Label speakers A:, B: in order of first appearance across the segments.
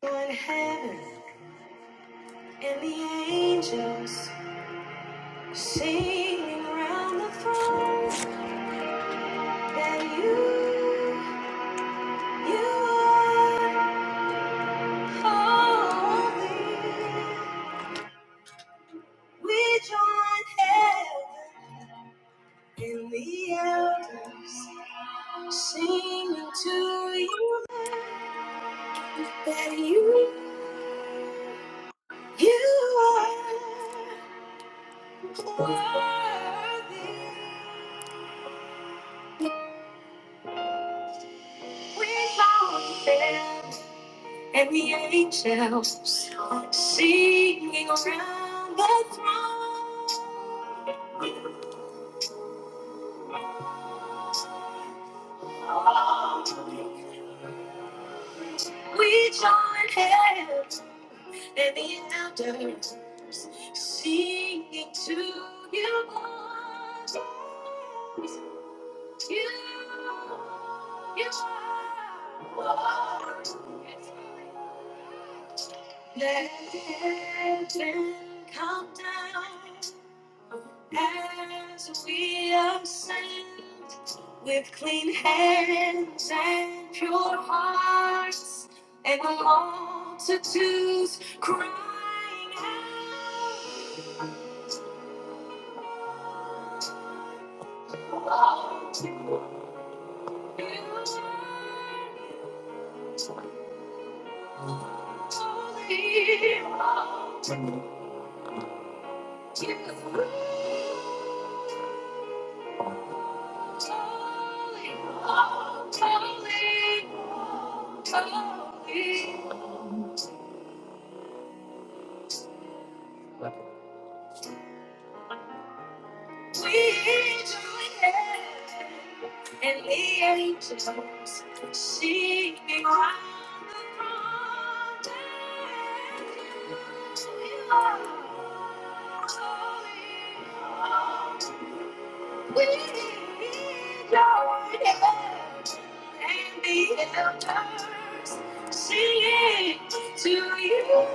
A: Lord heaven and the angels singing around the throne that you, you are holy. We join heaven and the elders singing to you that you, you are worthy. We join heaven. and the angels singing around the throne. We join hands and the elders singing to you, Lord. You, you are Lord. Let heaven come down As we ascend with clean hands and pure hearts, and the multitudes crying out, You are holy, You are holy, holy, holy. We join and the angels singing round the throne that you are holy, holy. We need your help and the elders singing to you.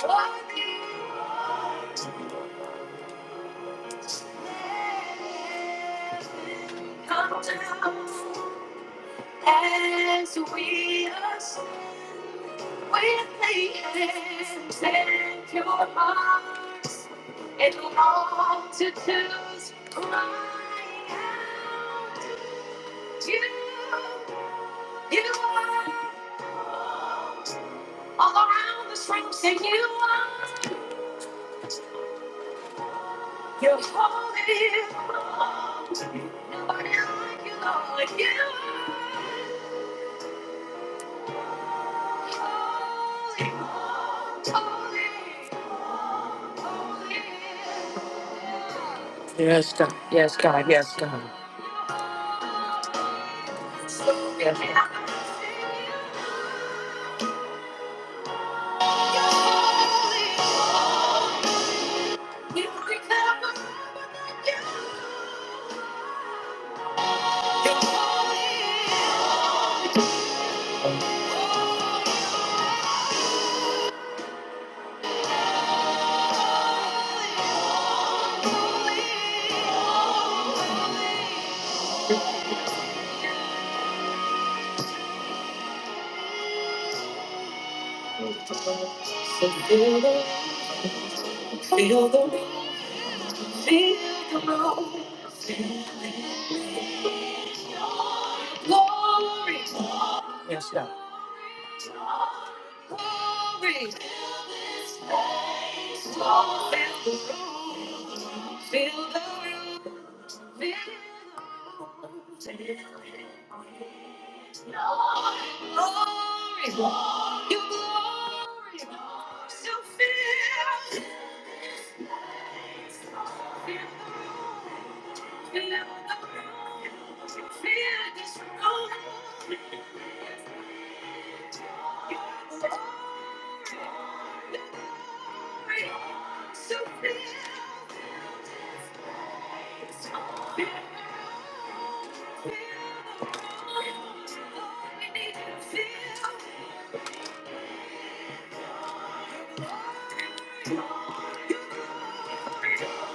A: You're Come down. As we ascend, we lay hands and pure hearts and multitudes crying out, You, you are all around this room. Say you are, you're holy. Nobody like you, Lord. You are holy, holy. Yes, God. Yes, God. Yes, God. Yes, God. Feel the, feel the, feel the, Glory. Yes, God. Glory. Fill the room. Glory. Your glory. So fill.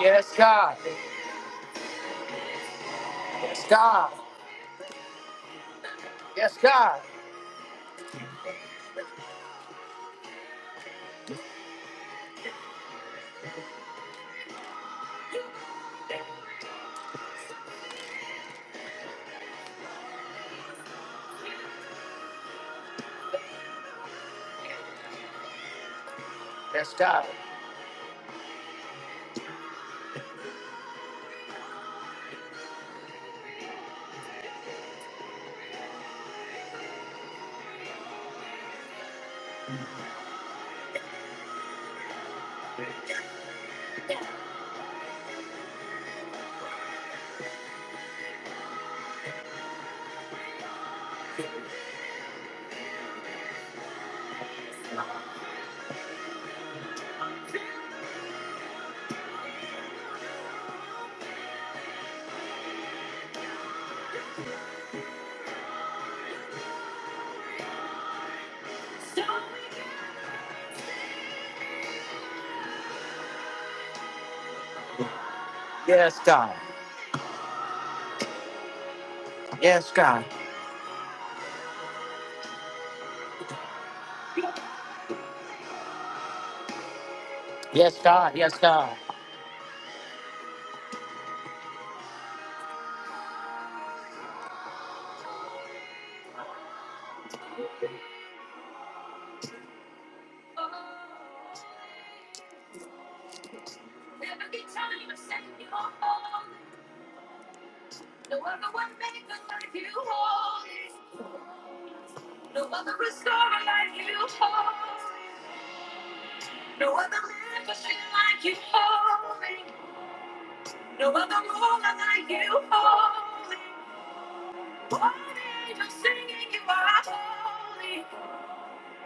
A: Yes, God. Yes, God. Yes, God. Yes, God. Yes, God. Yes, God. Yes, God. Yes, God. Never get tired of saying you're holy. No other one made the life you holy. No other restorer like you holy. No other magician like you holy. No other ruler like you holy. One angel singing you are holy.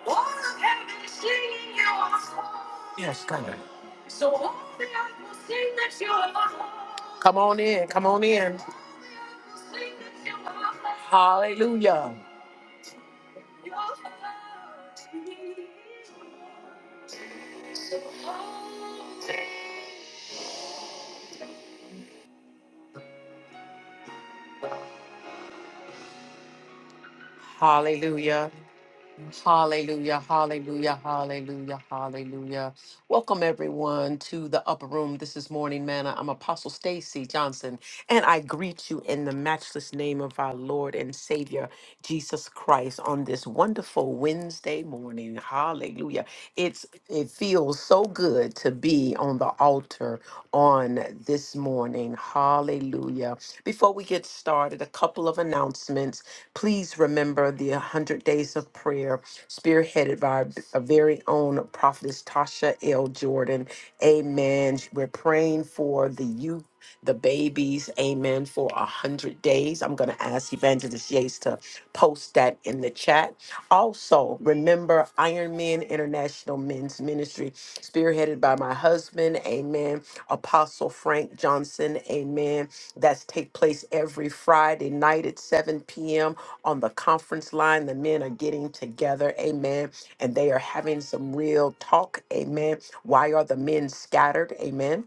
A: All of heaven is singing you are holy. Yes, come on. So all the earth will sing that you are holy. Come on in, come on in. Hallelujah. Hallelujah. Hallelujah. Hallelujah. Hallelujah. Hallelujah. Welcome everyone to the upper room. This is Morning Manna. I'm Apostle Stacy Johnson, and I greet you in the matchless name of our Lord and Savior Jesus Christ on this wonderful Wednesday morning. Hallelujah. It's it feels so good to be on the altar on this morning. Hallelujah. Before we get started, a couple of announcements. Please remember the 100 days of prayer spearheaded by our our very own prophetess Tasha L. Jordan. Amen. We're praying for the youth the babies, amen, for a hundred days. I'm gonna ask Evangelist Yates to post that in the chat. Also, remember Iron Men International Men's Ministry, spearheaded by my husband, amen, Apostle Frank Johnson, amen. That's take place every Friday night at 7 p.m. on the conference line. The men are getting together, amen, and they are having some real talk, amen. Why are the men scattered? Amen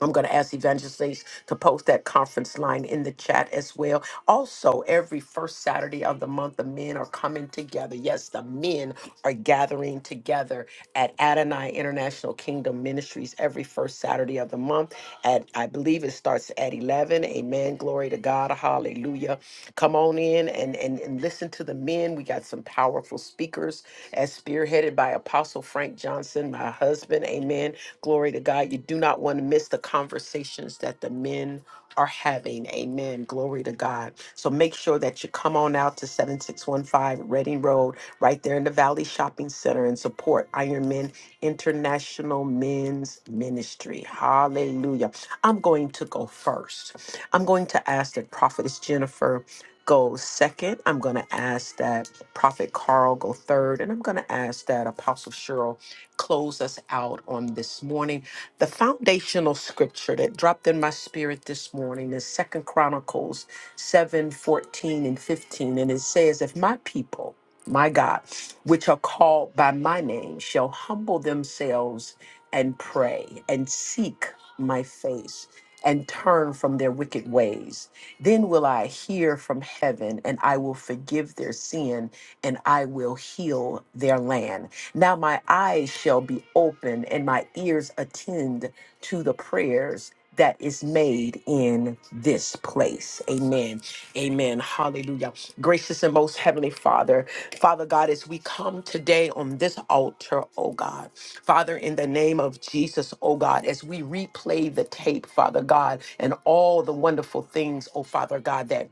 A: I'm going to ask evangelists to post that conference line in the chat as well. Also, every first Saturday of the month, the men are coming together. Yes, the men are gathering together at Adonai International Kingdom Ministries every first Saturday of the month. At I believe it starts at 11. Amen. Glory to God. Hallelujah. Come on in and, and, and listen to the men. We got some powerful speakers as spearheaded by Apostle Frank Johnson, my husband. Amen Glory to God. You do not want to miss the conversations that the men are having. Amen. Glory to God. So make sure that you come on out to 7615 Reading Road, right there in the Valley Shopping Center, and support Iron Men International Men's Ministry. Hallelujah. I'm going to go first. I'm going to ask that Prophetess Jennifer go second. I'm going to ask that Prophet Carl go third. And I'm going to ask that Apostle Cheryl close us out on this morning. The foundational scripture that dropped in my spirit this morning is Second Chronicles 7 14 and 15. And it says, If my people, my God, which are called by my name, shall humble themselves and pray and seek my face and turn from their wicked ways. Then will I hear from heaven and I will forgive their sin and I will heal their land. Now my eyes shall be open and my ears attend to the prayers that is made in this place. Amen. Amen. Hallelujah. Gracious and most heavenly Father, Father God, as we come today on this altar, oh God, Father, in the name of Jesus, oh God, as we replay the tape, Father God, and all the wonderful things, oh Father God, that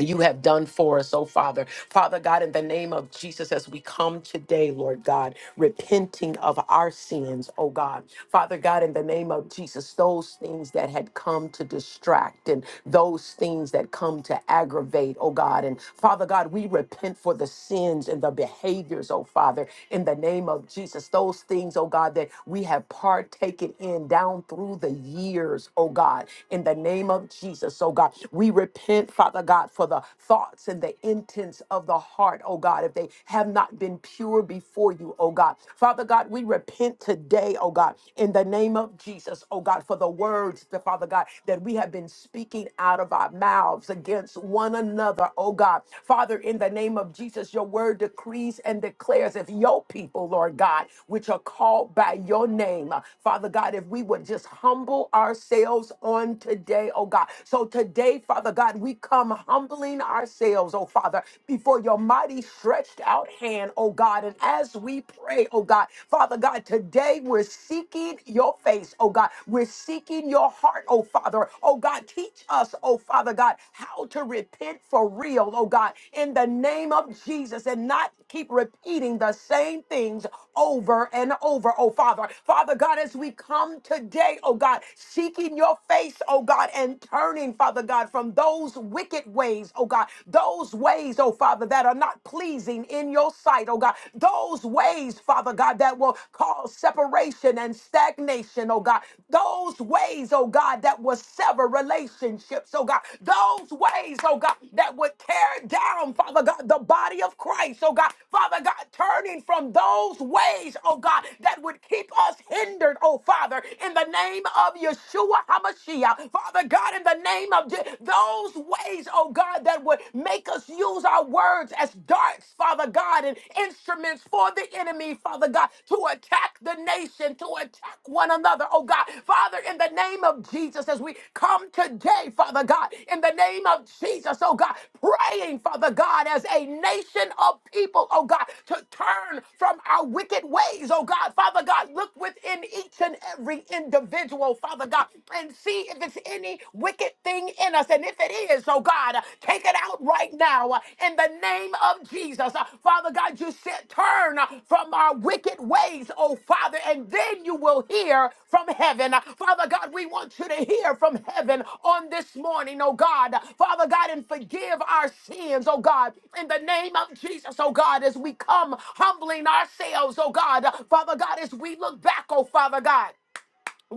A: you have done for us, oh Father. Father God, in the name of Jesus, as we come today, Lord God, repenting of our sins, oh God. Father God, in the name of Jesus, those things that had come to distract and those things that come to aggravate, oh God. And Father God, we repent for the sins and the behaviors, oh Father, in the name of Jesus. Those things, oh God, that we have partaken in down through the years, oh God, in the name of Jesus, oh God. We repent repent, Father God, for the thoughts and the intents of the heart, oh God, if they have not been pure before you, oh God. Father God, we repent today, oh God, in the name of Jesus, oh God, for the words, the Father God, that we have been speaking out of our mouths against one another, oh God. Father, in the name of Jesus, your word decrees and declares if your people, Lord God, which are called by your name, Father God, if we would just humble ourselves on today, oh God. So so today, Father God, we come humbling ourselves, oh Father, before your mighty stretched out hand, oh God. And as we pray, oh God, Father God, today we're seeking your face, oh God. We're seeking your heart, oh Father. Oh God, teach us, oh Father God, how to repent for real, oh God, in the name of Jesus and not keep repeating the same things over and over, oh Father. Father God, as we come today, oh God, seeking your face, oh God. God, and turning, Father God, from those wicked ways, oh God, those ways, oh Father, that are not pleasing in your sight, oh God, those ways, Father God, that will cause separation and stagnation, oh God, those ways, oh God, that will sever relationships, oh God, those ways, oh God, that would tear down, Father God, the body of Christ, oh God, Father God, turning from those ways, oh God, that would keep us hindered, oh Father, in the name of Yeshua HaMashiach. Father God, in the name of Je- those ways, oh God, that would make us use our words as darts, Father God, and instruments for the enemy, Father God, to attack the nation, to attack one another, oh God. Father, in the name of Jesus, as we come today, Father God, in the name of Jesus, oh God, praying, Father God, as a nation of people, oh God, to turn from our wicked ways, oh God. Father God, look within each and every individual individual, Father God, and see if it's any wicked thing in us. And if it is, oh God, take it out right now uh, in the name of Jesus. Uh, Father God, you said, turn uh, from our wicked ways, oh Father, and then you will hear from heaven. Uh, Father God, we want you to hear from heaven on this morning, oh God. Father God, and forgive our sins, oh God, in the name of Jesus, oh God, as we come humbling ourselves, oh God. Father God, as we look back, oh Father God.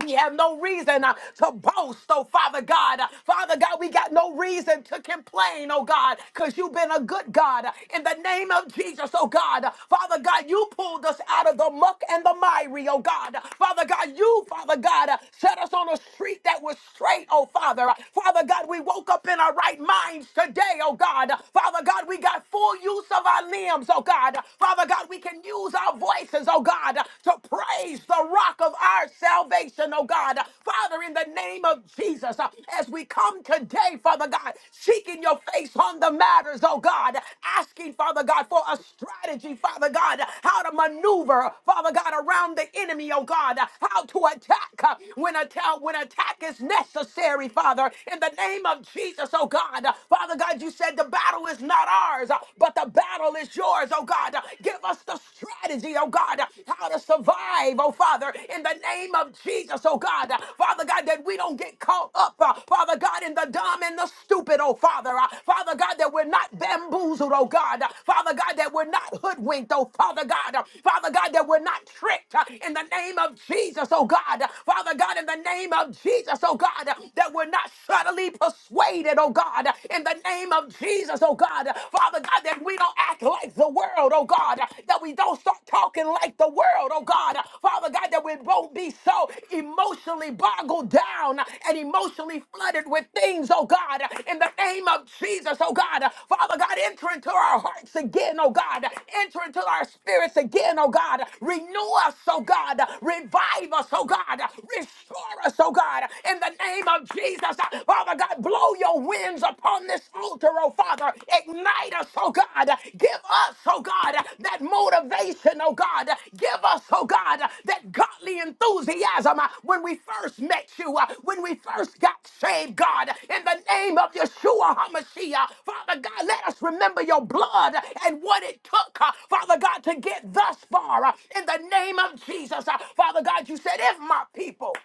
A: We have no reason uh, to boast, oh Father God. Uh, Father God, we got no reason to complain, oh God, because you've been a good God. Uh, In the name of Jesus, oh God. Uh, Father God, you pulled us out of the muck and the miry, oh God. Uh, Father God, you, Father God, uh, set us on a street that was straight, oh Father. Uh, Father God, we woke up in our right minds today, oh God. Uh, Father God, we got full use of our limbs, oh God. Uh, Father God, we can use our voices, oh God. God, to praise the rock of our salvation, oh God. Father, in the name of Jesus, as we come today, Father God, seeking your face on the matters, oh God, asking, Father God, for a strategy, Father God, how to maneuver, Father God, around the enemy, oh God, how to attack uh, when attack when attack is necessary, Father, in the name of Jesus, oh God. Father God, you said the battle is not ours, uh, but the battle is yours, leaders, oh God. Give us the strategy, oh God, how to survive, oh Father, in the name of Jesus, oh God. Father God, that we don't get caught up, uh, Father God, in the dumb and the stupid, oh Father. Uh, Father God, that we're not bamboozled, oh God. Uh, Father God, that we're not hoodwinked, oh Father God. Uh, Father God, that we're not tricked uh, in the name of Jesus, oh God. Uh, Father God, in the name of Jesus, oh God, uh, that we're not subtly persuaded, oh God, uh, in the name of Jesus. Jesus, oh God. Father God, that we don't act like the world, oh God. That we don't start talking like the world, oh God. Father God, that we won't be so emotionally boggled down and emotionally flooded with things, oh God. In the name of Jesus, oh God. Father God, enter into our hearts again, oh God. Enter into our spirits again, oh God. Renew us, oh God. Revive us, oh God. Restore us, oh God. In the name of Jesus, Father God, blow your winds upon this altar, oh Father. Ignite us, oh God. Give us, oh God, that motivation, oh God. Give us, oh God, that godly enthusiasm uh, when we first met you, uh, when we first got saved, God. In the name of Yeshua HaMashiach, Father God, let us remember your blood and what it took, uh, Father God, to get thus far. uh, In the name of Jesus, uh, Father God, you said, if my people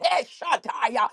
A: Eshataya,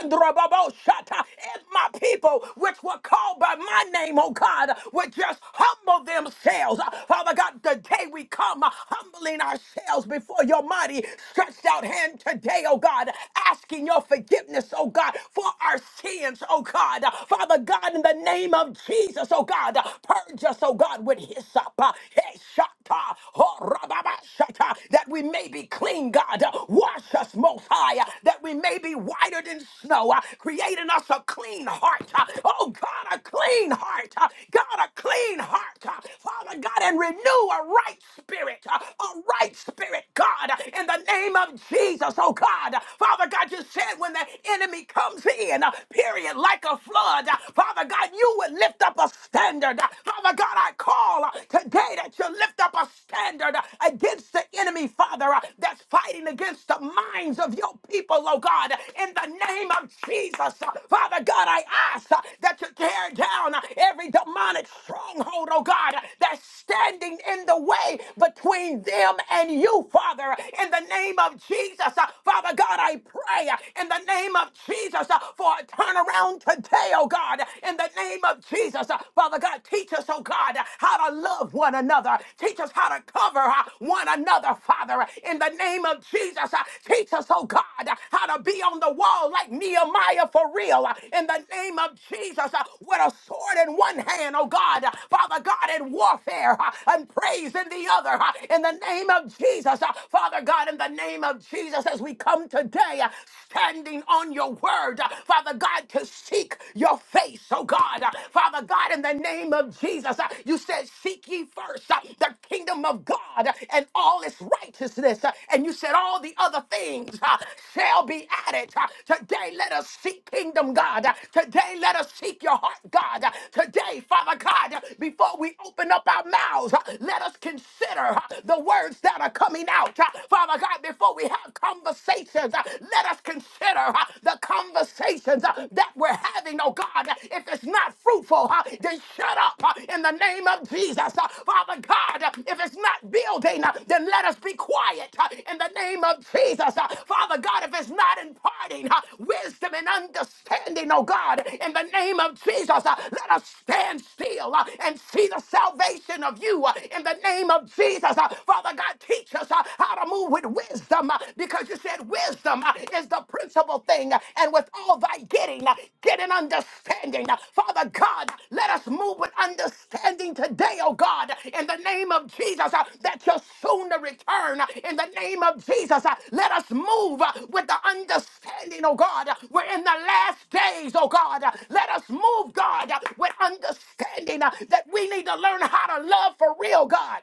A: Mandrababoshata, If my people, which were called by my name, oh God, would just humble themselves. Uh, Father God, today we come uh, humbling ourselves before your mighty stretched out hand today, oh God, asking your forgiveness, oh God, for our sins, oh God. Uh, Father God, in the name of Jesus, oh God, uh, purge us, oh God, with hyssop. uh, Eshata, Horababashata, That we may may be clean, God. Uh, Wash us most high, uh, that we may be whiter than snow, uh, create in us a clean heart. uh, Oh, God, a clean heart. uh, God, a clean heart. uh, Father God, and renew a right spirit, uh, a right spirit, God, uh, in the name of Jesus, oh God. Uh, Father God, you said when the enemy comes in, uh, period, like a flood, uh, Father God, you would lift up a standard. Uh, Father God, I call uh, today that you to lift up a standard uh, against the enemy, Father, uh, that's fighting against the minds of your people, oh God, in the name of Jesus. Uh, Father God, I ask uh, that you tear down uh, every demonic stronghold, oh God, uh, that's standing in the way between them and you, Father, in the name of Jesus. Uh, Father God, I pray uh, in the name of Jesus uh, for a turnaround today, oh God, in the name of Jesus. Uh, Father Father God, teach us, oh God, how to love one another. Teach us how to cover uh, one another, Father, in the name of Jesus. uh, Teach us, oh God, how to be on the wall like Nehemiah for real, uh, in the name of Jesus, uh, with a sword in one hand, oh God, uh, Father God, in warfare uh, and praise in the other, uh, in the name of Jesus, uh, Father God, in the name of Jesus, as we come today, uh, standing on your word, uh, Father God, to see seek your face, oh God. Uh, Father God, in the name of Jesus, uh, you said, Seek ye first uh, the kingdom of God uh, and all its righteousness. uh, And you said, All the other things uh, shall be added. Uh, Today, let us seek kingdom, God. Uh, Today, let us seek your heart, God. Uh, Today, Father God, uh, before we open up our mouths, uh, let us consider uh, the words that are coming out. Uh, Father God, before we have conversations, uh, let us consider consider uh, the conversations uh, that we're having, oh God. If it's not fruitful, uh, then shut up uh, in the name of Jesus. Uh, Father God, uh, if it's not building, uh, then let us be quiet uh, in the name of Jesus. Uh, Father God, if it's not imparting uh, wisdom and understanding, oh God, in the name of Jesus, uh, let us stand still uh, and see the salvation of you uh, in the name of Jesus. Uh, Father God, teach us uh, how to move rule with wisdom uh, because you said wisdom uh, is the principal thing. uh, And with all thy getting, uh, get an understanding. Uh, Father God, let us move with understanding today, oh God, in the name of Jesus, uh, that you're soon to return. Uh, In the name of Jesus, uh, let us move uh, with the understanding, oh God. uh, We're in the last days, oh God. Uh, Let us move, God, uh, with understanding uh, that we need to learn how to love for real, God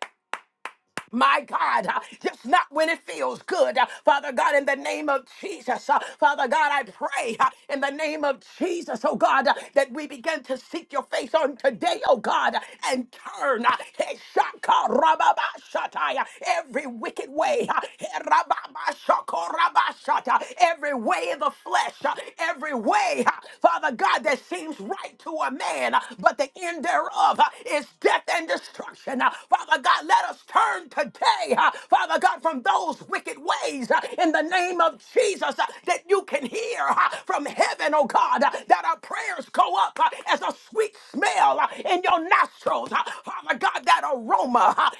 A: my God, uh, just not when it feels good. Uh, Father God, in the name of Jesus, uh, Father God, I pray uh, in the name of Jesus, oh God, uh, that we begin to seek your face on today, oh God, uh, and turn uh, eh, shaka rababa shatai, uh, every wicked way, uh, eh, rababa shaka raba shata, every way of the flesh, uh, every way, uh, Father God, that seems right to a man, uh, but the end thereof uh, is death and destruction destruction. Uh, Father God, let us turn today, uh, Father God, from those wicked ways uh, in the name of Jesus uh, that you can hear uh, from heaven, oh God, uh, that our prayers go up uh, as a sweet smell uh, in your nostrils. Uh, Father God, that aroma uh,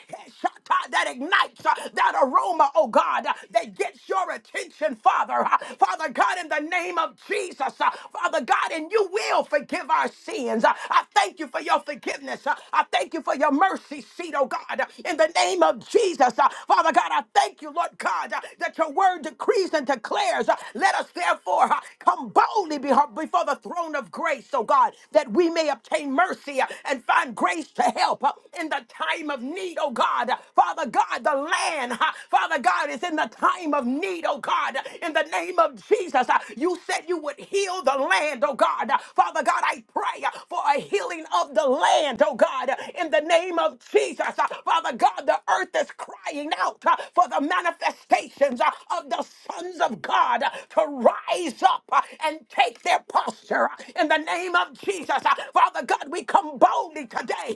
A: that ignites, uh, that aroma, oh God, uh, that gets your attention, Father. Uh, Father God, in the name of Jesus, uh, Father God, and you will forgive our sins. Uh, I thank you for your forgiveness. Uh, I thank you for your mercy seat, oh God. Uh, In the name of Jesus, uh, Father God, I thank you, Lord God, uh, that your word decrees and declares. uh, Let us therefore uh, come boldly beho- before the throne of grace, oh God, that we may obtain mercy uh, and find grace to help uh, in the time of need, oh God. Uh, Father God, the land, uh, Father God, is in the time of need, oh God. Uh, In the name of Jesus, uh, you said you would heal the land, oh God. God. Father God, I pray for a healing of the land, oh God, in the name of Jesus. Father God, the earth is crying out for the manifestations of the sons of God to rise up and take their posture in the name of Jesus. Father God, we come boldly today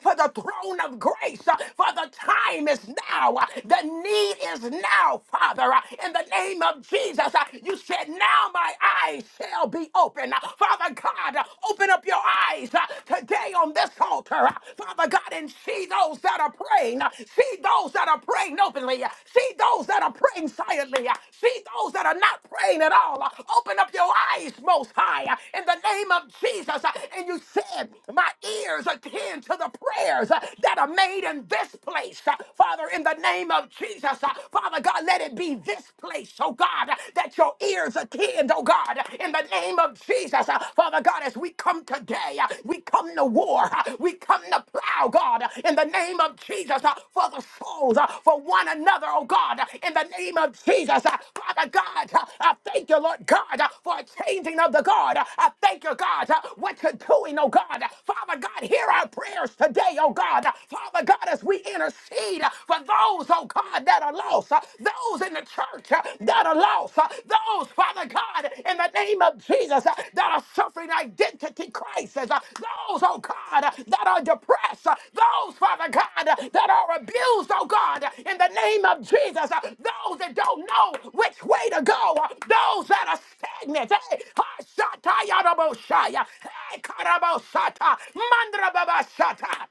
A: for the throne of grace, for the time is now, the need is now, Father, in the name of Jesus, uh, you said, Now my eyes shall be open. Uh, Father God, uh, open up your eyes uh, today on this altar, uh, Father God, and see those that are praying. uh, See those that are praying openly. uh, See those that are praying silently. uh, See those that are not praying at all. uh, Open up your eyes, Most High, uh, in the name of Jesus. uh, And you said, My ears attend to the prayers uh, that are made in this place. Uh, Father, in the name of Jesus, uh, Father God, let it be this place, oh God, that your ears attend, oh God, in the name of Jesus. Uh, Father God, as we come today, uh, we come to war, uh, we come to plow, God, in the name of Jesus, uh, for the souls, uh, for one another, oh God, in the name of Jesus. Uh, Father God, uh, I thank you, Lord God, uh, for a changing of the God. I thank you, God, uh, what you're doing, oh God. Father God, hear our prayers today, oh God. Father God, as we intercede intercede uh, for those, oh God, that are lost, uh, those in the church uh, that are lost, uh, those, Father God, in the name of Jesus, uh, that are suffering identity crisis, uh, those, oh God, uh, that are depressed, uh, those, Father God, uh, that are abused, oh God, uh, in the name of Jesus, uh, those that don't know which way to go, uh, those that are stagnant, hey, Hashatayaraboshaya, hey, Karabosata, Mandrababashata.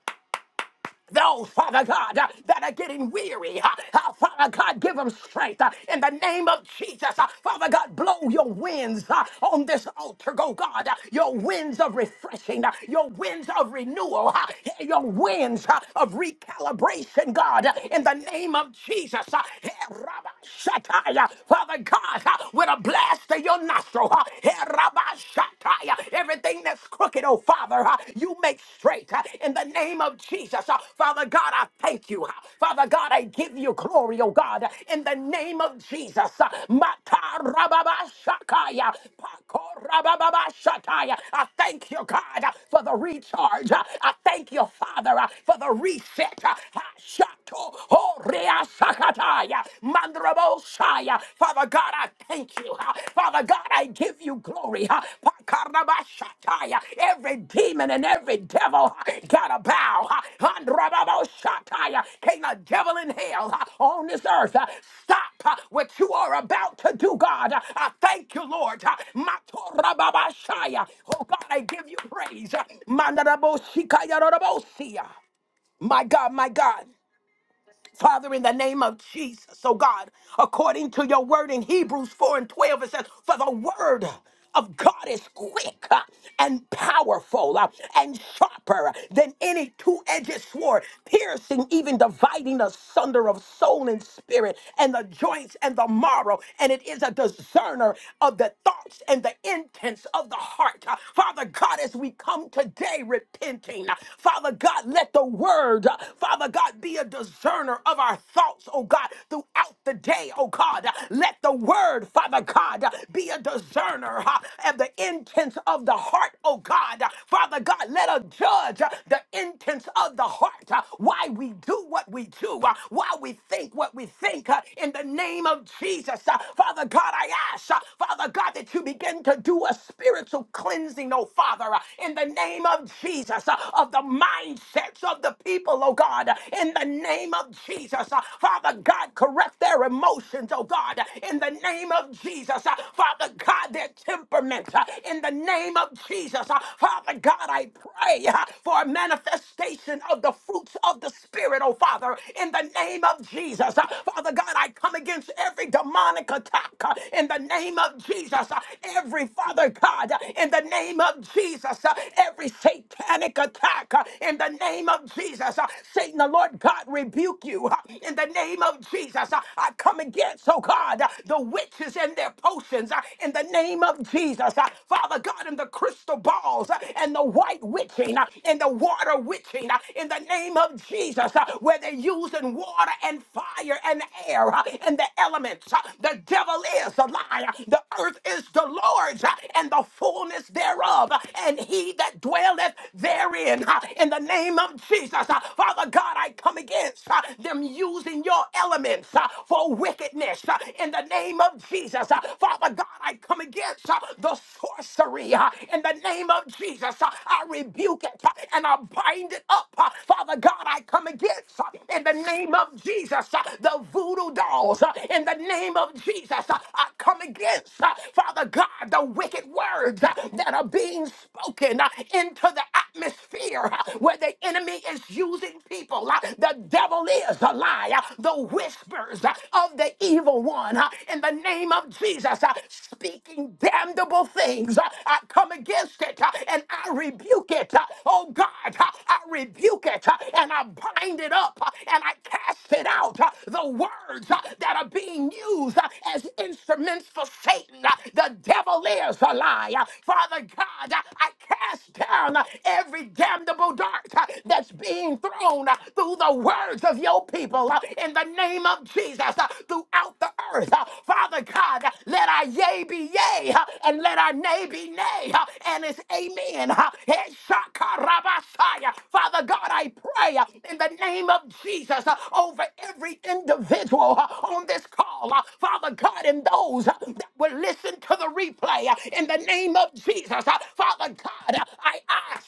A: Those, Father God, uh, that are getting weary, uh, uh, Father God, give them strength uh, in the name of Jesus. uh, Father God, blow your winds uh, on this altar, go God, uh, your winds of refreshing, uh, your winds of renewal, uh, your winds uh, of recalibration, God, uh, in the name of Jesus. uh, Shataya. Father God, uh, with a blast of your nostril. uh, Herabashataya. Everything that's crooked, oh Father, uh, you make straight uh, in the name of Jesus. Uh, Father God, I thank you. uh, Father God, I give you glory, oh God, uh, in the name of Jesus. Uh, Matarababashakaya. Pakorabababashataya. I thank you, God, uh, for the recharge. Uh, I thank you, Father, uh, for the reset. Uh, Oh, Rea Sakataya, Mandrabosaya. Father God, I thank you. Father God, I give you glory. Pakarabashataya. Every demon and every devil gotta bow. Andrababoshataya. Can the devil in hell on this earth stop what you are about to do, God? I thank you, Lord. Matorababashaya. Oh, God, I give you praise. Mandrabosikaya. My God, my God. Father, in the name of Jesus, oh God, according to your word in Hebrews 4 and 12, it says, For the word of God is quick uh, and powerful uh, and sharper than any two edged sword, piercing, even dividing asunder of soul and spirit, and the joints and the marrow. And it is a discerner of the thoughts and the intents of the heart. Uh, Father God, as we come today repenting, uh, Father God, let the word, uh, Father God, be a discerner discerner of our thoughts, oh God, throughout the day, oh God. Let the word, Father God, be a discerner huh, of the intents of the heart, oh God. Father God, let us judge uh, the intents of the heart, uh, why we do what we do, uh, why we think what we think, uh, in the name of Jesus. Uh, Father God, I ask, uh, Father God, that you begin to do a spiritual cleansing, oh Father, uh, in the name of Jesus, uh, of the mindsets of the people, oh God, uh, in the name of Jesus. Uh, Father God, correct their emotions, oh God, in the name of Jesus. Uh, Father God, their temperament, uh, in the name of Jesus. Uh, Father God, I pray uh, for a manifestation of the fruits of the Spirit, oh Father, in the name of Jesus. Uh, Father God, I come against every demonic attack uh, in the name of Jesus. Uh, Every Father God, uh, in the name of Jesus, uh, every satanic attack uh, in the name of Jesus uh, Satan, the Lord God, rebuke you uh, in the name of Jesus. Uh, I come against, oh God, uh, the witches and their potions uh, in the name of Jesus. Uh, Father God, in the crystal balls uh, and the white witching uh, and the water witching uh, in the name of Jesus, uh, where they're using water and fire and air uh, and the elements. uh, The devil is a liar. The earth is the Lord's uh, and the fullness thereof, uh, and he that dwelleth therein. uh, In the name of Jesus. Uh, Father God, I come against uh, them using your elements uh, for wickedness uh, in the name of Jesus. Uh, Father God, I come against uh, the sorcery uh, in the name of Jesus. Uh, I rebuke it uh, and I bind it up. Uh, Father God, I come against uh, in the name of Jesus uh, the voodoo dolls uh, in the name of Jesus. Uh, I come against, uh, Father God, the wicked words uh, that are being spoken uh, into the atmosphere. uh, where the enemy is using people. Uh, The devil is a liar. The whispers uh, of the evil one uh, in the name of Jesus uh, speaking damnable things. uh, I come against it uh, and I rebuke it. uh, Oh God, uh, I rebuke it uh, and I bind it up uh, and I cast it out. uh, The words uh, that are being used uh, as instruments for Satan. uh, The devil is a liar. Father God, uh, I cast down uh, every devil damnable darts uh, that's being thrown uh, through the words of your people uh, in the name of Jesus uh, throughout the earth. uh, Father God, uh, let our yea be yea uh, and let our nay be nay. uh, And it's amen. uh, and shakarabasaya. Father God, I pray uh, in the name of Jesus uh, over every individual uh, on this call. uh, Father God, and those uh, that will listen to the replay uh, in the name of Jesus. uh, Father God, uh, I ask.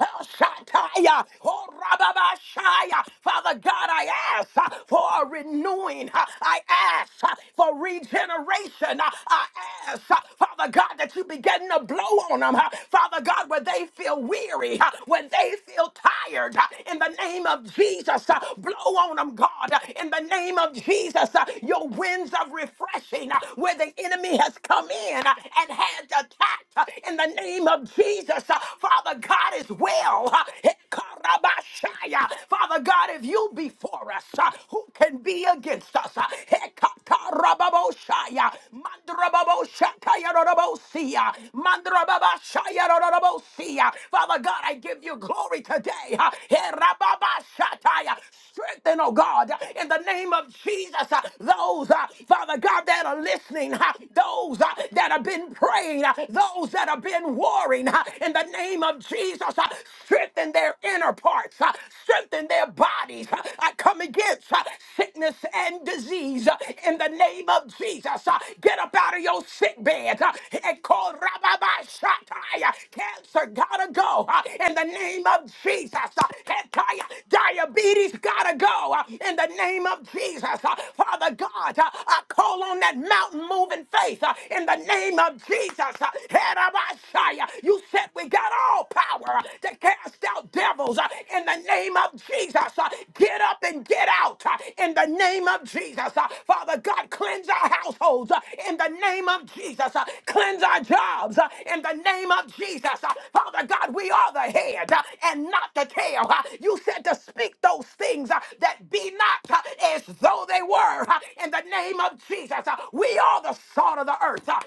A: Shataya, oh Rababashaya. Father God, I ask uh, for a renewing. Uh, I ask uh, for regeneration. Uh, I ask, uh, Father God, that you begin to blow on them. uh, Father God, where they feel weary, uh, when they feel tired. uh, In the name of Jesus, uh, blow on them, God. Uh, In the name of Jesus, uh, your winds of refreshing uh, where the enemy has come in uh, and had attacked. Uh, In the name of Jesus, Uh, Father God is well. Hekarabashaya. Father God, if you be for us, uh, who can be against us? Uh, Hekatarababoshaya. Mandrababoshatayarorobosia. Mandrababashayarorobosia. Father God, I give you glory today. Uh, Herababashataya. Strengthen, oh God, in the name of Jesus, uh, those, uh, Father God, that are listening, uh, those uh, that have been praying, uh, those that have been warring warring uh, in the name of Jesus. uh, Strengthen their inner parts, uh, strengthen their bodies. uh, I come against uh, sickness and disease uh, in the name of Jesus. uh, Get up out of your sick bed uh, and call Rababashatai. uh, Cancer gotta go uh, in the name of Jesus. uh, Hetai. Diabetes gotta go uh, in the name of Jesus. uh, Father God, uh, I call on that mountain moving faith uh, in the name of Jesus. Uh, Herabashaya. You said we got all power uh, to cast out devils uh, in the name of Jesus. Uh, Get up and get out uh, in the name of Jesus. Uh, Father God, cleanse our households uh, in the name of Jesus. Uh, Cleanse our jobs uh, in the name of Jesus. Uh, Father God, we are the head uh, and not the tail. Uh, You said to speak those things uh, that be not uh, as though they were. Uh, In the name of Jesus, uh, we are the salt of the earth. Uh,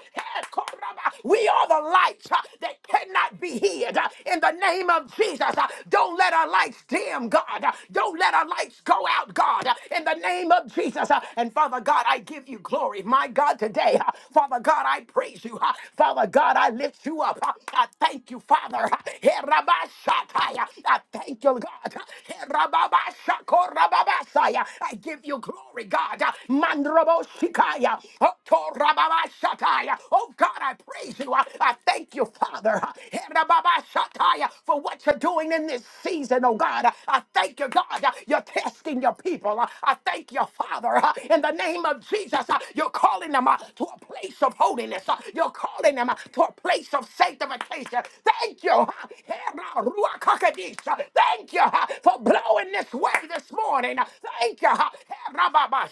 A: we are the lights uh, that cannot be hid. uh, In the name of Jesus, Uh, don't let our lights dim, God. Uh, Don't let our lights go out, God. Uh, In the name of Jesus. Uh, And Father God, I give you glory. My God, today, uh, Father God, I praise you. Uh, Father God, I lift you up. Uh, I thank you, Father. Uh, Herabashatai. Uh, I thank you, God. Uh, Herababashakorababasai. Uh, I give you glory, God. Uh, Mandroboshikaya. Otorababashatai. Oh God, I praise you. I, I thank you, Father. For what you're doing in this season, oh God. I thank you, God. You're testing your people. I thank you, Father. In the name of Jesus, you're calling them uh, to a place of holiness. You're calling them uh, to a place of sanctification. Thank you. Thank you uh, for blowing this way this morning. Thank you. And my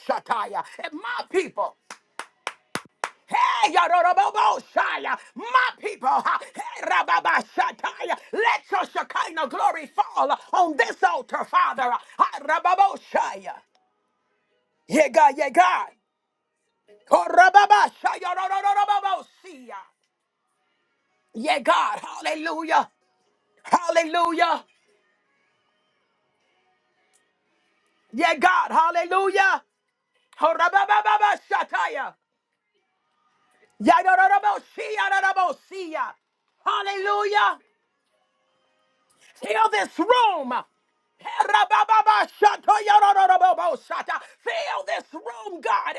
A: people. Hey, Yadorobosaya, my people, hey, Rababashataya, let your Shekinah glory fall on this altar, Father. Ha, Rababosaya. Yeah, God, yeah, God. Oh, Rababasha, Yadorobosaya. Yeah, God, hallelujah, hallelujah. Yeah, God, hallelujah. Oh, Rabababashataya. Yadorobosaya, Yadorobosaya. Hallelujah. Fill this room. Fill this room, God.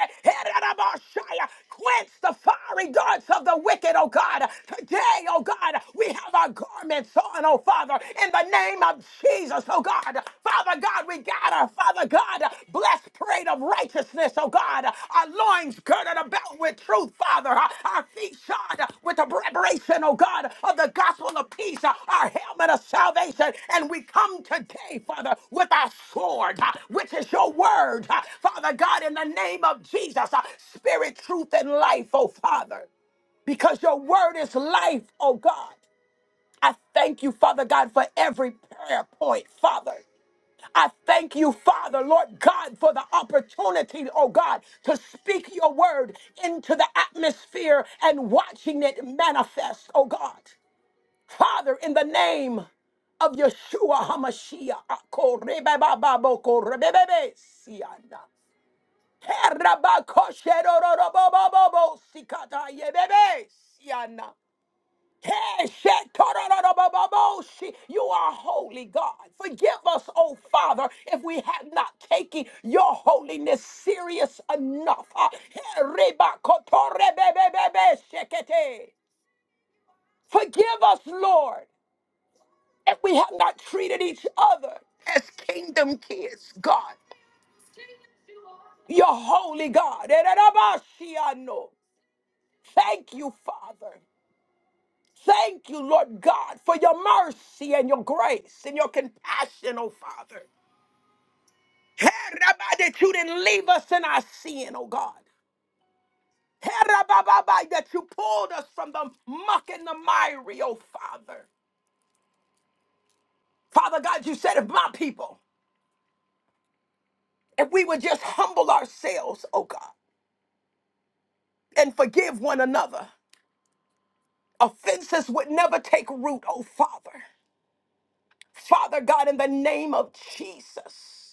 A: Quench the fiery darts of the wicked, oh God. Today, oh God, we have our garments on, oh Father, in the name of Jesus, oh God. Father God, we gather, Father God, blessed parade of righteousness righteousness, oh God. Our loins girded about with truth, Father. Our our feet shod with the preparation, oh God, of the gospel of peace. Our helmet of salvation. And we come today, Father, with our sword, uh, which is your word. Uh, Father God, in the name of Jesus, uh, spirit, truth, and life, oh Father because your word is life, oh God. I thank you, Father God, for every prayer point, Father. I thank you, Father, Lord God, for the opportunity, oh God, to speak your word into the atmosphere and watching it manifest, oh God. Father, in the name of Yeshua HaMashiach, akorebebababoko-rebebebe-siana. Herabakosherorobobobobobobobobobosiana. Hey, shetorororoboboboshi. You are holy, God. Forgive us, oh Father, if we have not taken your holiness serious enough. Ah, hey, ribakotorebebebebe Forgive us, Lord, if we have not treated each other as kingdom kids, God. You're holy, God. Ererabashiano. Thank you, Father. Thank you, Lord God, for your mercy and your grace and your compassion, oh Father. Hey, Rabbi, that you didn't leave us in our sin, oh God. Hey, Rabbi, Rabbi, that you pulled us from the muck and the miry, oh Father. Father God, you said if my people, if we would just humble ourselves, oh God, and forgive one another, offenses would never take root, oh Father. Father God, in the name of Jesus.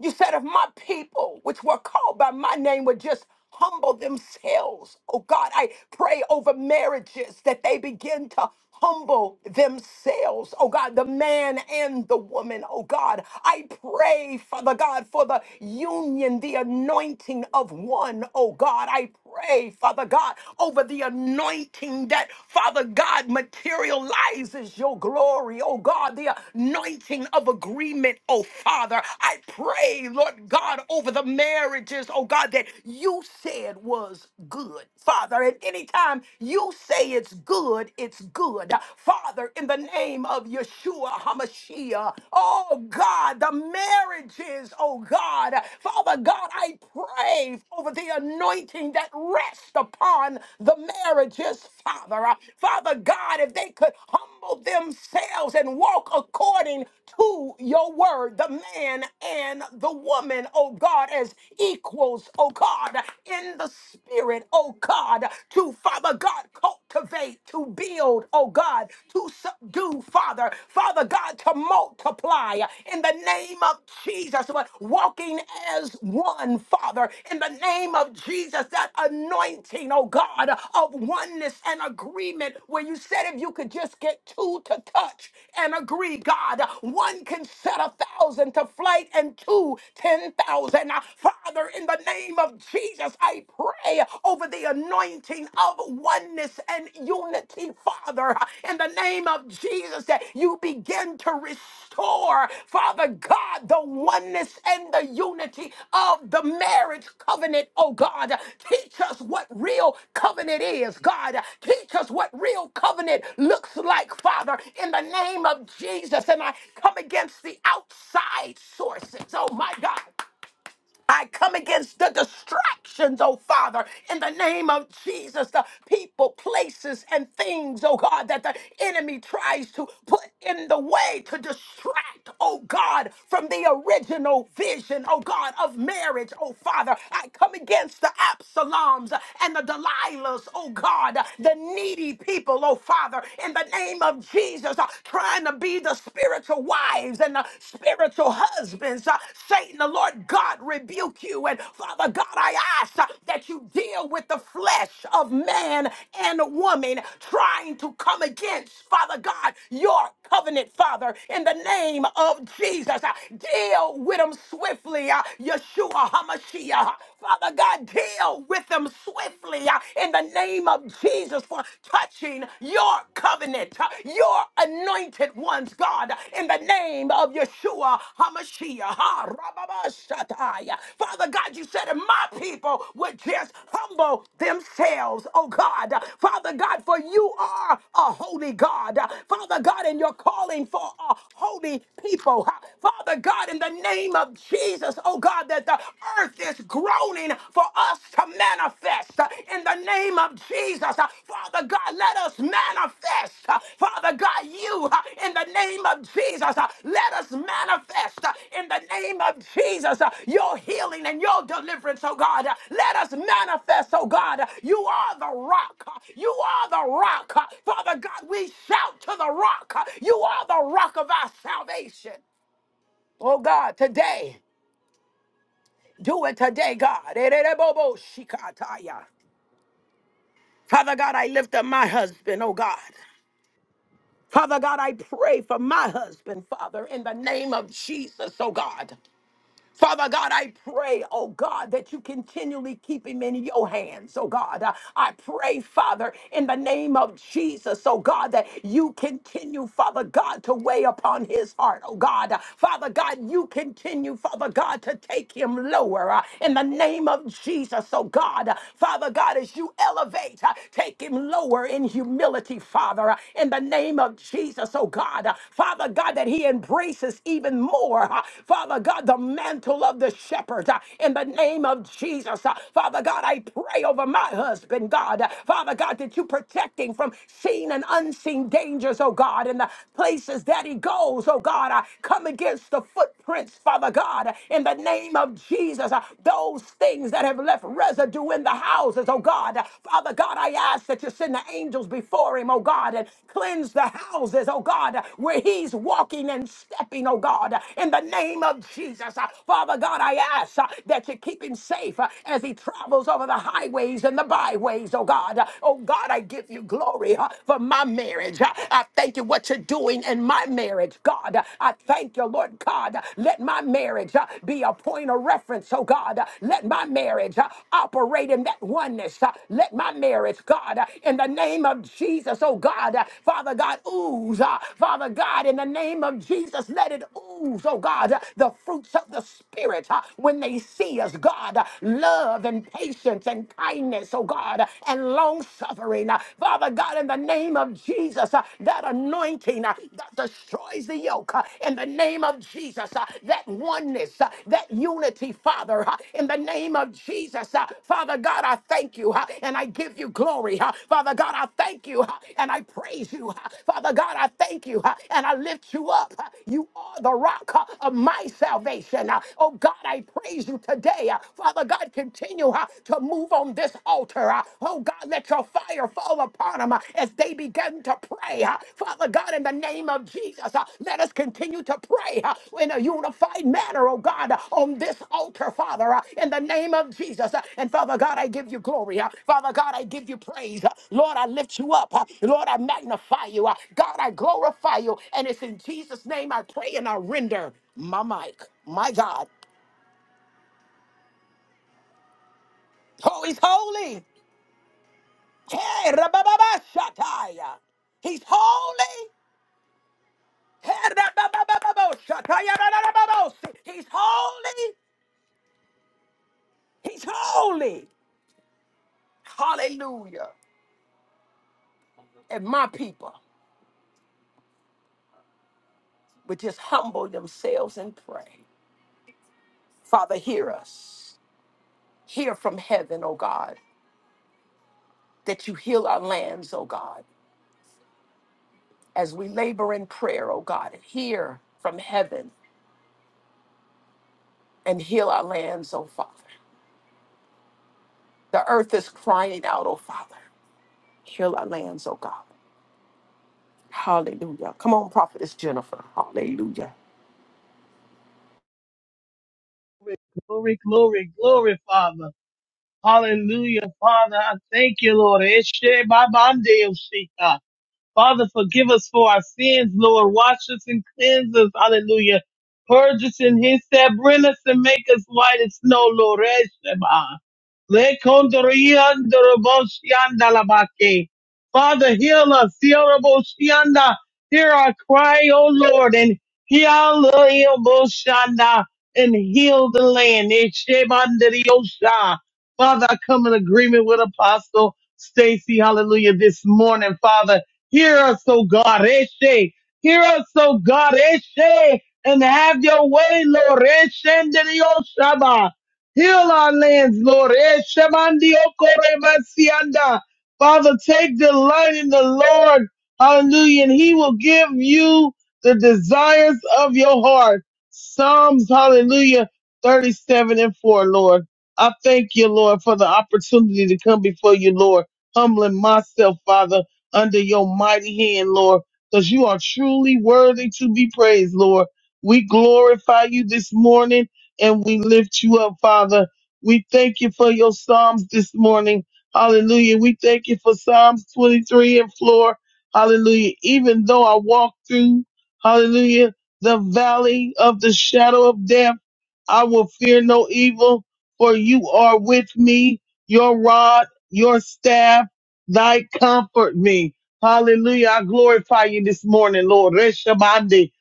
A: You said, if my people, which were called by my name, would just humble themselves, oh God, I pray over marriages that they begin to humble themselves, oh God, the man and the woman, oh God. I pray, Father God, for the union, the anointing of one, oh God. I pray, Father God, over the anointing that, Father God, material royalizes your glory, oh God, the anointing of agreement, oh Father. I pray, Lord God, over the marriages, oh God, that you said was good, Father. And anytime you say it's good, it's good, Father, in the name of Yeshua HaMashiach, oh God, the marriages, oh God, Father God, I pray over the the anointing that rests upon the marriages, Father. Uh, Father God, if they could humble themselves and walk according to your word, the man and the woman, oh God, as equals, oh God, in the spirit, oh God, to Father God, cultivate, to build, oh God, to subdue, Father, Father God, to multiply multiply in the name of Jesus. Walking as one, Father, in the name of Jesus, that anointing, oh God, of oneness and agreement, where you said if you could just get two to touch and agree, God, one can set a thousand to flight and two, ten thousand. Father, in the name of Jesus, I pray over the anointing of oneness and unity, Father, in the name of Jesus, that you begin to restore, Father God, the oneness and the unity of the marriage covenant, oh God. Teach us what real covenant is, God. Teach us what real covenant looks like, Father, in the name of Jesus. And I come against the outside sources, oh my God. I come against the distractions, oh Father, in the name of Jesus, the people, places, and things, oh God, that the enemy tries to put in the way to distract, oh God, from the original vision, oh God, of marriage, oh Father. I come against the Absaloms and the Delilahs, oh God, the needy people, oh Father, in the name of Jesus, uh, trying to be the spiritual spiritual wives and the spiritual husbands. Uh, Satan, the Lord God, rebuke you. And Father God, I ask uh, that you deal with the flesh of man and woman trying to come against, Father God, your covenant, Father, in the name of Jesus. Uh, Deal with them swiftly, uh, Yeshua HaMashiach. Father God, deal with them swiftly uh, in the name of Jesus for touching your covenant, uh, your anointed ones, God, in the name of Yeshua HaMashiach. ha, rababashatai. Father God, you said if my people would just humble themselves, oh God. Father God, for you are a holy God. Father God, and you're calling for a holy people. Father God, in the name of Jesus. Jesus, oh God, that the earth is groaning for us to manifest uh, in the name of Jesus. Uh, Father God, let us manifest. uh, Father God, you uh, in the name of Jesus, uh, let us manifest uh, in the name of Jesus uh, your healing and your deliverance, oh God. Uh, Let us manifest, oh God. Uh, You are the rock. Uh, You are the rock. Uh, Father God, we shout to the rock. Uh, You are the rock of our salvation. Oh God, today. Do it today, God. Ererebobo shikataya. Father God, I lift up my husband, oh God. Father God, I pray for my husband, Father, in the name of Jesus, oh God. Father God, I pray, oh God, that you continually keep him in your hands, oh God. Uh, I pray, Father, in the name of Jesus, oh God, that you continue, Father God, to weigh upon his heart, oh God. Uh, Father God, you continue, Father God, to take him lower uh, in the name of Jesus, oh God. Uh, Father God, as you elevate, uh, take him lower in humility, Father, uh, in the name of Jesus, oh God. Uh, Father God, that he embraces even more, uh, Father God, the mantle mantle of the shepherd uh, in the name of Jesus. Uh, Father God, I pray over my husband, God. Uh, Father God, that you protect him from seen and unseen dangers, oh God, in the places that he goes, oh God. I come against the footprints, Father God, uh, in the name of Jesus. Uh, Those things that have left residue in the houses, oh God. Uh, Father God, I ask that you send the angels before him, oh God, and cleanse the houses, oh God, uh, where he's walking and stepping, oh God, uh, in the name of Jesus. Uh, Father Father God, I ask uh, that you keep him safe uh, as he travels over the highways and the byways, oh God. Uh, Oh God, I give you glory uh, for my marriage. Uh, I thank you what you're doing in my marriage, God. Uh, I thank you, Lord God. Uh, Let my marriage uh, be a point of reference, oh God. Uh, Let my marriage uh, operate in that oneness. Uh, Let my marriage, God, uh, in the name of Jesus, oh God, uh, Father God, ooze. uh, Father God, in the name of Jesus, let it ooze, oh God, uh, the fruits of the Spirit spirit uh, when they see us, God. uh, Love and patience and kindness, oh God, uh, and long suffering. Uh, Father God, in the name of Jesus, uh, that anointing uh, that destroys the yoke. uh, In the name of Jesus, uh, that oneness, uh, that unity, Father. uh, In the name of Jesus, uh, Father God, I thank you uh, and I give you glory. uh, Father God, I thank you uh, and I praise you. uh, Father God, I thank you uh, and I lift you up. uh, You are the rock uh, of my salvation. uh, oh Oh God, I praise you today. Uh, Father God, continue uh, to move on this altar. Uh, Oh God, let your fire fall upon them uh, as they begin to pray. Uh, Father God, in the name of Jesus, uh, let us continue to pray uh, in a unified manner, oh God, uh, on this altar, Father, uh, in the name of Jesus. Uh, And Father God, I give you glory. Uh, Father God, I give you praise. Uh, Lord, I lift you up. Uh, Lord, I magnify you. Uh, God, I glorify you. And it's in Jesus' name I pray and I render my mic. My God. Oh, he's holy. Hey, rabababashataya. He's holy. Hey, rabababababoshataya, rararababosi. He's holy. He's holy. Hallelujah. And my people would just humble themselves and pray. Father, hear us. Hear from heaven, O God, that you heal our lands, O God, as we labor in prayer, O God. and Hear from heaven and heal our lands, O Father. The earth is crying out, O Father. Heal our lands, oh God. Hallelujah. Come on, Prophetess Jennifer. Hallelujah.
B: Glory, glory, glory, Father. Hallelujah, Father. I thank you, Lord. Eshe babande yosika. Father, forgive us for our sins, Lord. Wash us and cleanse us. Hallelujah. Purge us in his step. Bring us and make us white as snow, Lord. Eshema. Lekondoriandoroboshiandalabake. Father, heal us. Yoroboshianda. Hear our cry, O Lord, and heal Yoroboshianda, and heal the land. Eshebanderiosha. Father, I come in agreement with Apostle Stacy, hallelujah, this morning, Father. Hear us, O God. Eshe. Hear us, O God. Eshe. And have your way, Lord. Eshendio Shaba. Heal our lands, Lord. Eshemandio Korebasianda. Father, take delight in the Lord. Hallelujah. And he will give you the desires of your heart. Psalms, hallelujah, 37 and 4, Lord. I thank you, Lord, for the opportunity to come before you, Lord, humbling myself, Father under your mighty hand, Lord, because you are truly worthy to be praised, Lord. We glorify you this morning and we lift you up, Father. We thank you for your Psalms this morning. Hallelujah. We thank you for Psalms 23 and 4. Hallelujah. Even though I walk through, hallelujah, the valley of the shadow of death, I will fear no evil, for you are with me, your rod, your staff thy comfort me. Hallelujah. I glorify you this morning, Lord. Reshamande,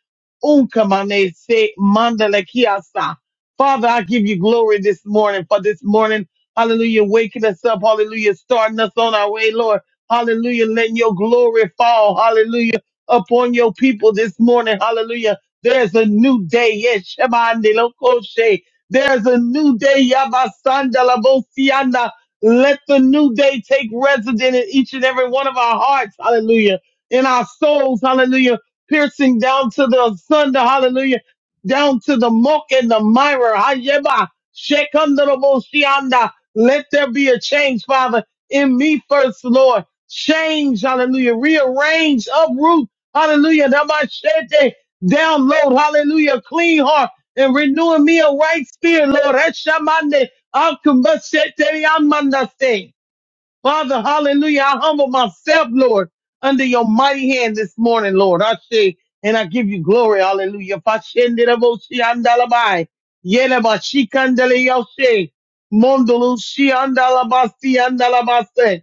B: unkamane se mandale kiasa. Father, I give you glory this morning for this morning. Hallelujah. Waking us up. Hallelujah. Starting us on our way, Lord. Hallelujah. Letting your glory fall. Hallelujah. Upon your people this morning. Hallelujah. There's a new day. Yes, Shemande Lokoshe. There's a new day. Yabasanda Labosianda. Let the new day take resident in each and every one of our hearts. Hallelujah. In our souls. Hallelujah. Piercing down to the thunder. Hallelujah. Down to the muck and the mirror. Hayeba. Shekandoroboshianda. Let there be a change, Father, in me first, Lord. Change. Hallelujah. Rearrange, uproot. Hallelujah. Namashete. Download. Hallelujah. Clean heart and renewing me a right spirit, Lord. Eshamande. Akumbasheteri amandase. Father, hallelujah. I humble myself, Lord, under your mighty hand this morning, Lord. I say, and I give you glory, hallelujah. Fashenderaboshi andalabai. Yelabashi kandalayoshe. Mondolushi andalabasi andalabase.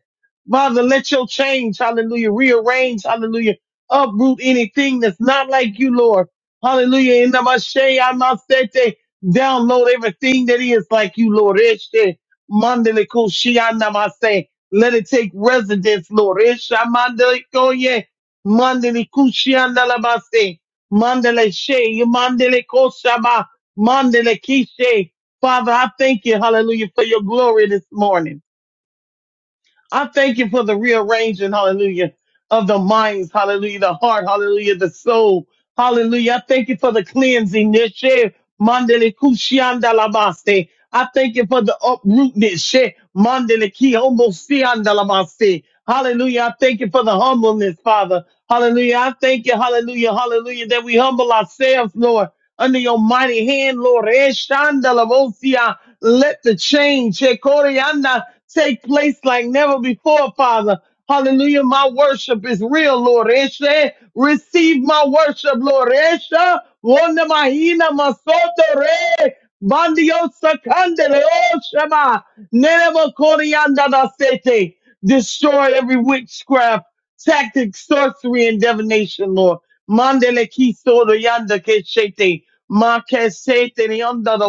B: Father, let your change, hallelujah, rearrange, hallelujah, uproot anything that's not like you, Lord. Hallelujah. In the Mashe, Amasete, download everything that is like you, Lord. Este, Mandelikushi andamase. Let it take residence, Lord. Eshamandele koye, mandele kushiandala base, mandele she, mandele koshaba, mandele kishe. Father, I thank you, hallelujah, for your glory this morning. I thank you for the rearranging, hallelujah, of the minds, hallelujah, the heart, hallelujah, the soul, hallelujah. I thank you for the cleansing, yeshe, mandele kushiandala base. I thank you for the uprootness, she, mandele ki, homo siandalabaste. Hallelujah. I thank you for the humbleness, Father. Hallelujah. I thank you. Hallelujah. Hallelujah. That we humble ourselves, Lord, under your mighty hand, Lord. Eshandalavosia. Let the change Shekorianda, take place like never before, Father. Hallelujah. My worship is real, Lord. Eshe, receive my worship, Lord. Esha, wanda mahina masoto re. Bandio sakande reo shema. Nereva corianda da sete. Destroy every witchcraft, tactic, sorcery, and divination, Lord. Mandele kiso yanda keshete. Ma kesete ni onda do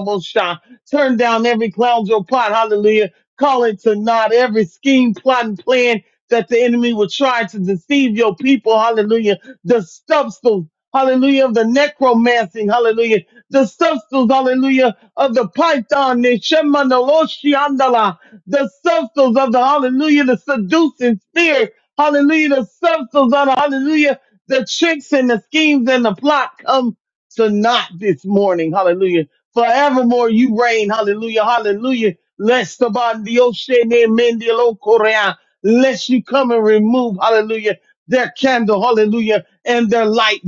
B: Turn down every clown's your plot. Hallelujah. Call it to naught every scheme, plot, and plan that the enemy will try to deceive your people. Hallelujah. The substance. Hallelujah. Of the necromancing. Hallelujah. The substance. Hallelujah. Of the python. Neshema noloshi andala the substance of the hallelujah, the seducing spirit, hallelujah, the substance of the hallelujah, the tricks and the schemes and the plot come to naught this morning, hallelujah. Forevermore you reign, hallelujah, hallelujah. Lest the body of shame, amen, the Lord, Korea. lest you come and remove, hallelujah, their candle, hallelujah, and their light.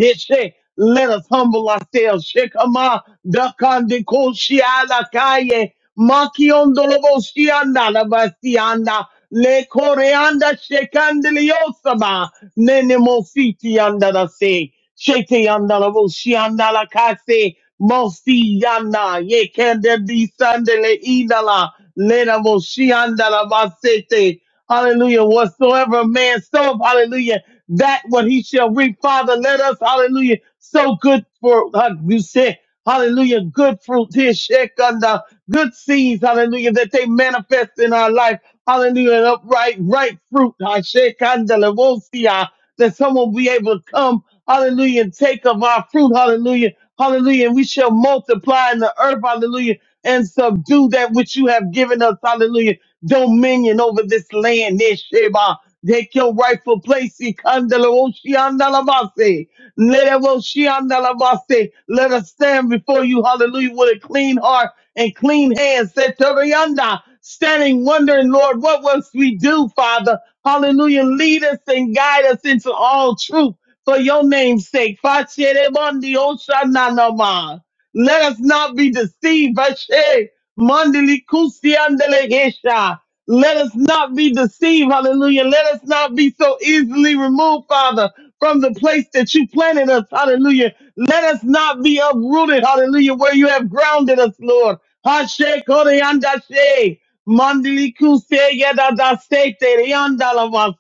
B: Let us humble ourselves. Shekama dakandikoshialakaye. Makiondoloboshianda labasianda. Le koreanda shekandeliosaba. Nene mositi yanda da se. Shete yanda laboshianda lakase. Mosi yanda. Ye kende bisandele idala. Lena moshianda labasete. Hallelujah. Whatsoever a man soweth, hallelujah, that what he shall reap. Father, let us, hallelujah, so good for, uh, you said, hallelujah, good fruit, dear Shekanda, good seeds, hallelujah, that they manifest in our life. Hallelujah, and upright, right fruit, ah, Shekanda, Levosia, that someone will be able to come, hallelujah, and take of our fruit, hallelujah, hallelujah, and we shall multiply in the earth, hallelujah and subdue that which you have given us, hallelujah, dominion over this land, Nesheba. Take your rightful place, Ikandalawoshiandalabase. Lerewoshiandalabase. let us stand before you, hallelujah, with a clean heart and clean hands, Setorianda. standing wondering, Lord, what must we do, Father? Hallelujah, lead us and guide us into all truth for your name's sake. Facherebondi oshananama. Let us not be deceived. Vashe, mandili kusi andele gesha. Let us not be deceived. Hallelujah. Let us not be so easily removed, Father, from the place that you planted us. Hallelujah. Let us not be uprooted. Hallelujah. Where you have grounded us, Lord. Hashe, kore andashe. Mandili kuse yada da se te re anda la va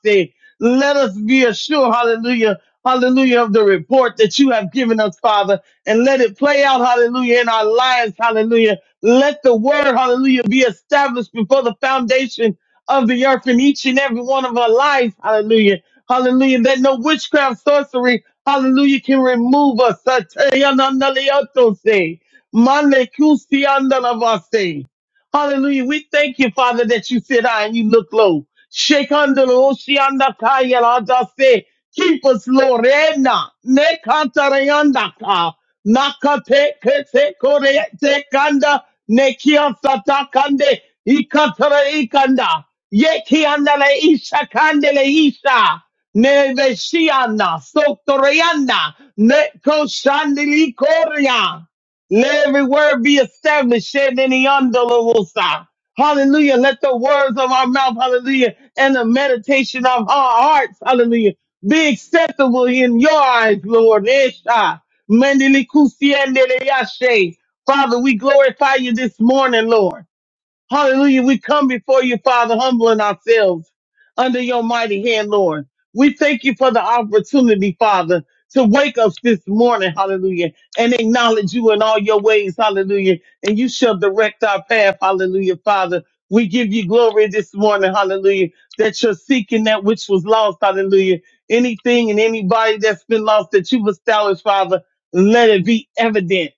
B: Let us be assured, hallelujah, hallelujah, of the report that you have given us, Father, and let it play out, hallelujah, in our lives, hallelujah. Let the word, hallelujah, be established before the foundation of the earth in each and every one of our lives, hallelujah, hallelujah, that no witchcraft, sorcery, hallelujah, can remove us. Sa te yanda la yo se. Mande kusi anda la va Hallelujah. We thank you, Father, that you sit high and you look low. Shekandalo, shiandakaya, ladase. Keep us, Lord. Ena, nekantarayandaka, nakate, kete, kore, te, kanda, nekia, sata, kande, ikatara, ikanda, yekiandale, isha, kandele, isha, neveshianda, sotoreyanda, neko, shandili, korea. Let every word be established. Shed in the underlosa. Hallelujah. Let the words of our mouth, hallelujah, and the meditation of our hearts, hallelujah, be acceptable in your eyes, Lord. Esha. Mendele kusiendele yashe. Father, we glorify you this morning, Lord. Hallelujah. We come before you, Father, humbling ourselves under your mighty hand, Lord. We thank you for the opportunity, Father, to wake us this morning, hallelujah, and acknowledge you in all your ways, hallelujah. And you shall direct our path, hallelujah, Father. We give you glory this morning, hallelujah, that you're seeking that which was lost, hallelujah. Anything and anybody that's been lost that you've established, Father, let it be evident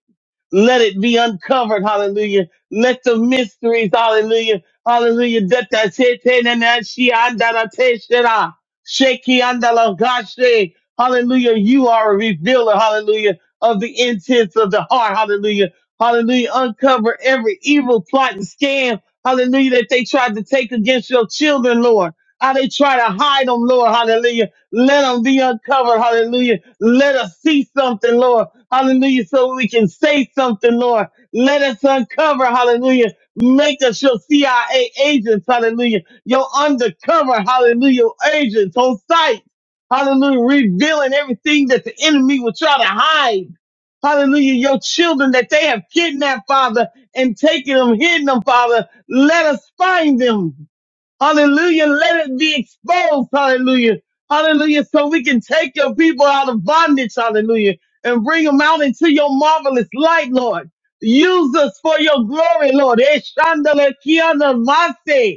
B: let it be uncovered. Hallelujah. Let the mysteries, hallelujah, hallelujah. that the sete na shi anda te shera. Sheki anda gashe. Hallelujah. You are a revealer, hallelujah, of the intents of the heart. Hallelujah. Hallelujah. Uncover every evil plot and scam. Hallelujah. That they tried to take against your children, Lord. How they try to hide them, Lord. Hallelujah. Let them be uncovered. Hallelujah. Let us see something, Lord. Hallelujah. So we can say something, Lord. Let us uncover. Hallelujah. Make us your CIA agents. Hallelujah. Your undercover. Hallelujah. Agents on site. Hallelujah. Revealing everything that the enemy will try to hide. Hallelujah. Your children that they have kidnapped, Father, and taken them, hidden them, Father. Let us find them. Hallelujah. Let it be exposed. Hallelujah. Hallelujah. So we can take your people out of bondage. Hallelujah. And bring them out into your marvelous light, Lord. Use us for your glory, Lord. Eshandalakianamase.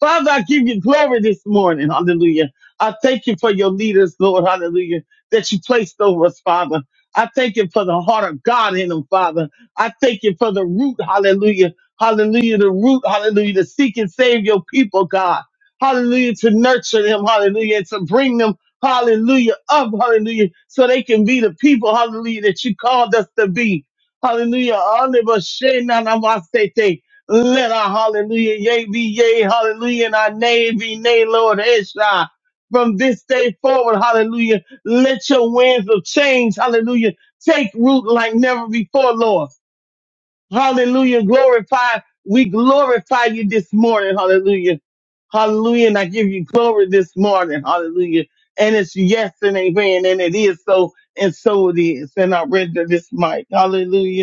B: Father, I give you glory this morning. Hallelujah. I thank you for your leaders, Lord. Hallelujah. That you placed over us, Father. I thank you for the heart of God in them, Father. I thank you for the root. Hallelujah. Hallelujah. The root. Hallelujah. To seek and save your people, God. Hallelujah. To nurture them. Hallelujah. And to bring them. Hallelujah. Up. Hallelujah. So they can be the people. Hallelujah. That you called us to be. Hallelujah. Let our hallelujah, yea be yea, hallelujah, and our nay be nay, Lord Esha. From this day forward, hallelujah, let your winds of change, hallelujah, take root like never before, Lord. Hallelujah, glorify, we glorify you this morning, hallelujah. Hallelujah, and I give you glory this morning, hallelujah. And it's yes and amen, and it is so, and so it is. And I render this mic, hallelujah.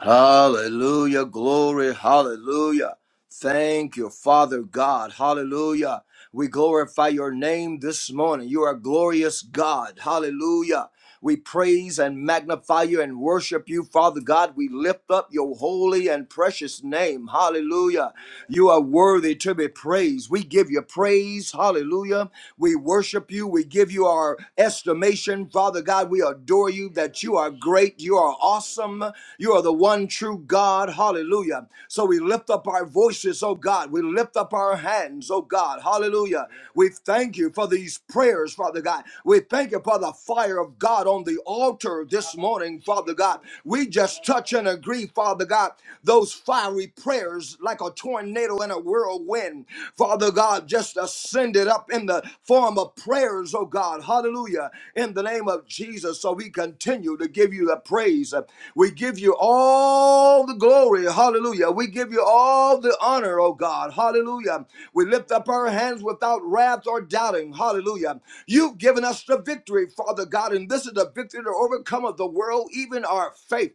C: Hallelujah. Glory. Hallelujah. Thank you, Father God. Hallelujah. We glorify your name this morning. You are a glorious God. Hallelujah. We praise and magnify you and worship you, Father God. We lift up your holy and precious name. Hallelujah. You are worthy to be praised. We give you praise. Hallelujah. We worship you. We give you our estimation, Father God. We adore you that you are great. You are awesome. You are the one true God. God. Hallelujah. So we lift up our voices, oh God. We lift up our hands, oh God. Hallelujah. We thank you for these prayers, Father God. We thank you for the fire of God on the altar this morning, Father God. We just touch and agree, Father God, those fiery prayers like a tornado in a whirlwind, Father God, just ascended up in the form of prayers, oh God. Hallelujah. In the name the name of Jesus. So we continue to give you the praise. We give you all the glory. Hallelujah. We give you all the honor, oh God. Hallelujah. We lift up our hands without wrath or doubting. Hallelujah. You've given us the victory, Father God, and this is the victory to overcome of the world, even our faith.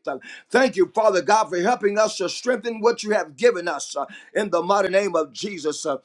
C: Thank you, Father God, for helping us to strengthen what you have given us uh, in the mighty name of Jesus. Uh,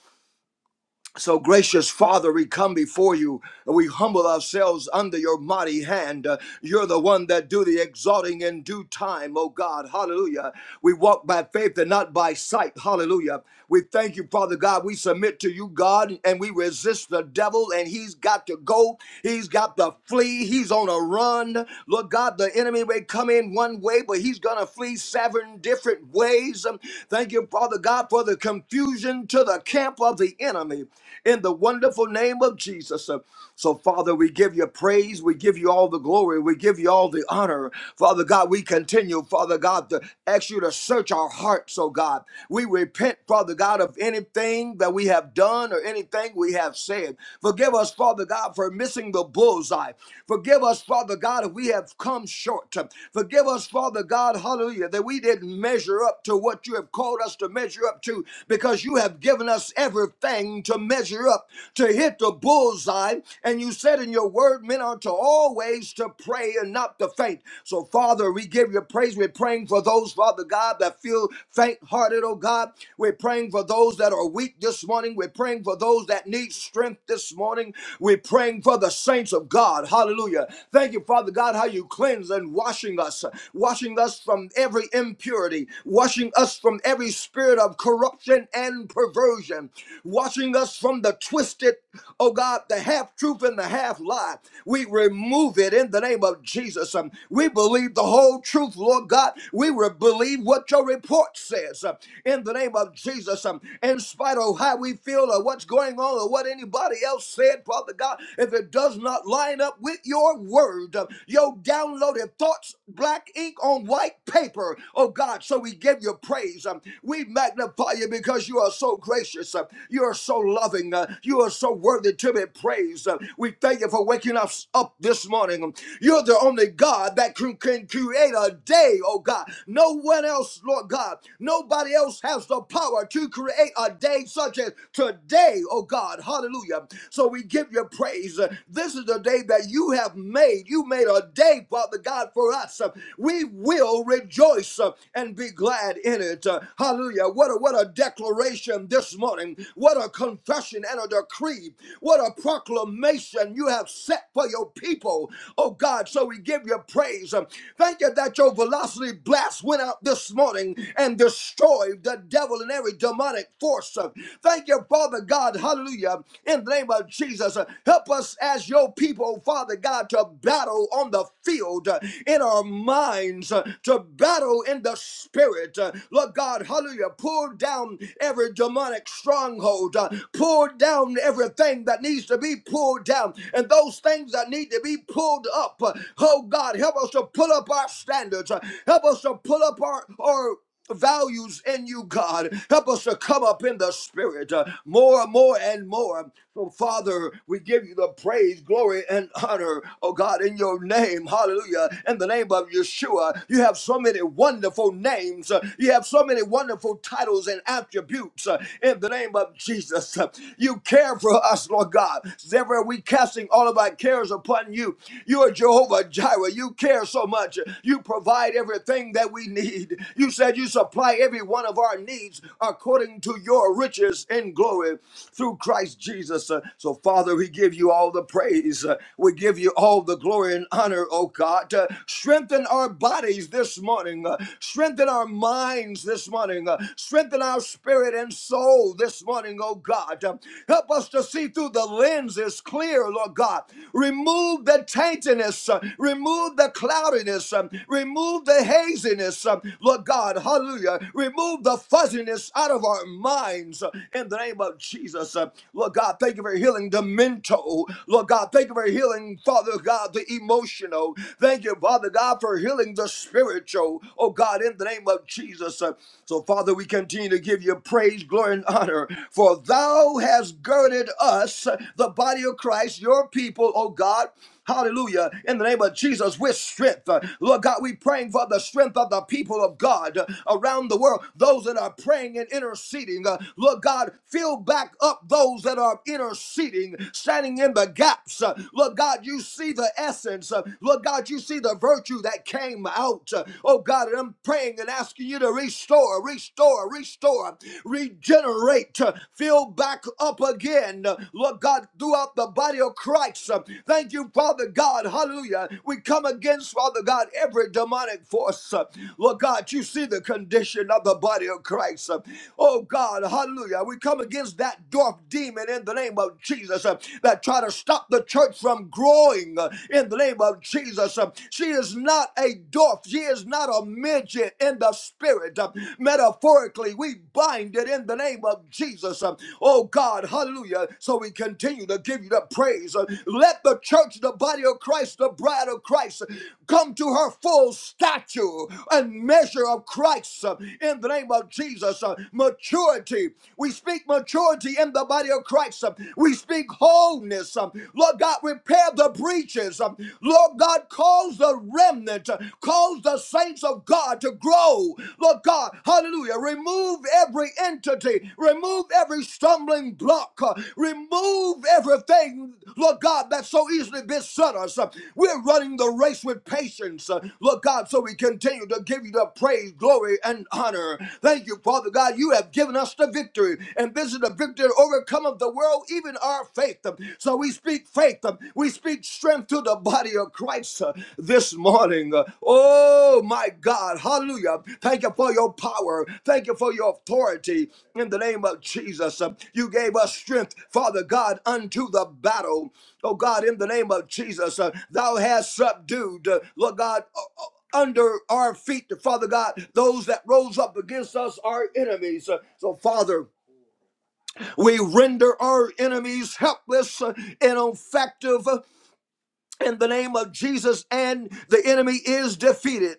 C: so, gracious Father, we come before you. We humble ourselves under your mighty hand. Uh, You're the one that do the exalting in due time, oh God. Hallelujah. We walk by faith and not by sight. Hallelujah. We thank you, Father God. We submit to you, God, and we resist the devil, and he's got to go. He's got to flee. He's on a run. Lord God, the enemy may come in one way, but he's going to flee seven different ways. Um, Thank you, Father God, for the confusion to the camp camp of the enemy in the wonderful name of Jesus. So, Father, we give you praise. We give you all the glory. We give you all the honor. Father God, we continue, Father God, to ask you to search our hearts, oh God. We repent, Father God, of anything that we have done or anything we have said. Forgive us, Father God, for missing the bullseye. Forgive us, Father God, if we have come short. Forgive us, Father God, hallelujah, that we didn't measure up to what you have called us to measure up to because you have given us everything to measure up, to hit the bullseye. And you said in your word, men are to always to pray and not to faint. So, Father, we give you praise. We're praying for those, Father God, that feel faint hearted, oh God. We're praying for those that are weak this morning. We're praying for those that need strength this morning. We're praying for the saints of God. Hallelujah. Thank you, Father God, how you cleanse and washing us, washing us from every impurity, washing us from every spirit of corruption and perversion, watching us from the twisted, oh God, the half truth and the half lie. We remove it in the name of Jesus. Um, We believe the whole truth, Lord God. We re- believe what your report says uh, in the name of Jesus. Um, In spite of how we feel or what's going on or what anybody else said, Father God, if it does not line up with your word, uh, your downloaded thoughts, black ink on white paper, oh God. So we give you your praise. Um, We magnify you because you are so gracious. Uh, You are so loving. Uh, You are so worthy to be praised. Uh, We thank you for waking us up this morning. Um, You're the only God that can, can create a day, oh God. No one else, Lord God. Nobody else has the power to create a day such as today, oh God. Hallelujah. So we give you praise. Uh, This is the day that you have made. You made a day, Father God, for us. Uh, We will rejoice house uh, and be glad in it. Uh, hallelujah. What a, what a declaration this morning. What a confession and a decree. What a proclamation you have set for your people. Oh God, so we give you praise. Um, Thank you that your velocity blast went out this morning and destroyed the devil and every demonic force. Uh, Thank you, Father God. Hallelujah. In the name of Jesus, uh, help us as your people, Father God, to battle on the field uh, in our minds minds uh, to battle in the spirit. Uh, Lord God, hallelujah. Pull down every demonic stronghold. Uh, Pull down everything that needs to be pulled down and those things that need to be pulled up. Uh, Oh God, help us to pull up our standards. Uh, Help us to pull up our, our values in you, God. Help us to come up in the spirit uh, more and more and more. So, Father, we give you the praise, glory, and honor, oh God, in your name. Hallelujah. In the name of Yeshua, you have so many wonderful names. uh, You have so many wonderful titles and attributes uh, in the name of Jesus. Uh, You care for us, Lord God. Therefore, we casting all of our cares upon you. You are Jehovah Jireh. You care so much much. You provide everything that we need. You said you supply every one of our needs according to your riches in glory through Christ Jesus. Uh, So, Father, we give you all the praise. Uh, We give you all the glory and honor, oh God. Uh, Strengthen our bodies this morning. Uh, Strengthen our minds this morning. Uh, Strengthen our spirit and soul this morning, oh God. Uh, Help us to see through the lenses clear, Lord God. Remove the taintiness, uh, remove the cloudiness, um, remove the haziness, um, Lord God, hallelujah. Remove the fuzziness out of our minds uh, in the name of Jesus. Uh, Lord God, thank you for healing the mental. Lord God, thank you for healing, Father God, the emotional. Thank you, Father God, for healing the spiritual. Oh God, in the name of Jesus. Uh, So, Father, we continue to give you praise, glory, and honor, for thou hast has girded us, the body of Christ, your people, oh God. Hallelujah. In the name of Jesus, with strength. Uh, Lord God, we praying for the strength of the people of God uh, around the world, those that are praying and interceding. Uh, Lord God, fill back up those that are interceding, standing in the gaps. Uh, Lord God, you see the essence. Uh, Lord God, you see the virtue that came out. Uh, Oh God, and I'm praying and asking you to restore, restore, restore restore, regenerate, uh, fill back up again, uh, Lord God, throughout the body of Christ. Uh, Thank you, Father God. Hallelujah. We come against, Father God, every demonic force. Uh, Lord God, you see the condition of the body of Christ. Uh, Oh God, hallelujah. We come against that dwarf demon in the name of Jesus uh, that try to stop the church from growing uh, in the name of Jesus. Uh, She is not a dwarf. She is not not a midget in the spirit. Uh, Metaphorically, we bind it in the name of Jesus. Uh, Oh God, hallelujah. So we continue to give you the praise. Uh, Let the church, the body of Christ, the bride of Christ, uh, come to her full stature and measure of Christ uh, in the name of Jesus. Uh, Maturity. We speak maturity in the body of Christ. Uh, We speak wholeness. Um, Lord God, repair the breaches. Um, Lord God, cause the remnant, cause the saints of God to grow. Lord God, hallelujah. Remove every entity, remove every stumbling block, uh, remove everything, Lord God, that so easily beset us. Uh, We're running the race with patience, uh, Lord God, so we continue to give you the praise, glory, and honor. Thank you, Father God. You have given us the victory, and this is the victory that overcometh the world, even our faith faith. So we speak faith. We speak strength to the body of Christ uh, this morning. Oh my God. Hallelujah. Thank you for your power. Thank you for your authority in the name of Jesus. Uh, You gave us strength, Father God, unto the battle. Oh God, in the name of Jesus, uh, thou hast subdued, uh, Lord God, uh, uh, under our feet, Father God, those that rose up against us, our enemies. Uh, So, Father, we render our enemies helpless uh, and ineffective uh, in the name of Jesus, and the enemy is defeated.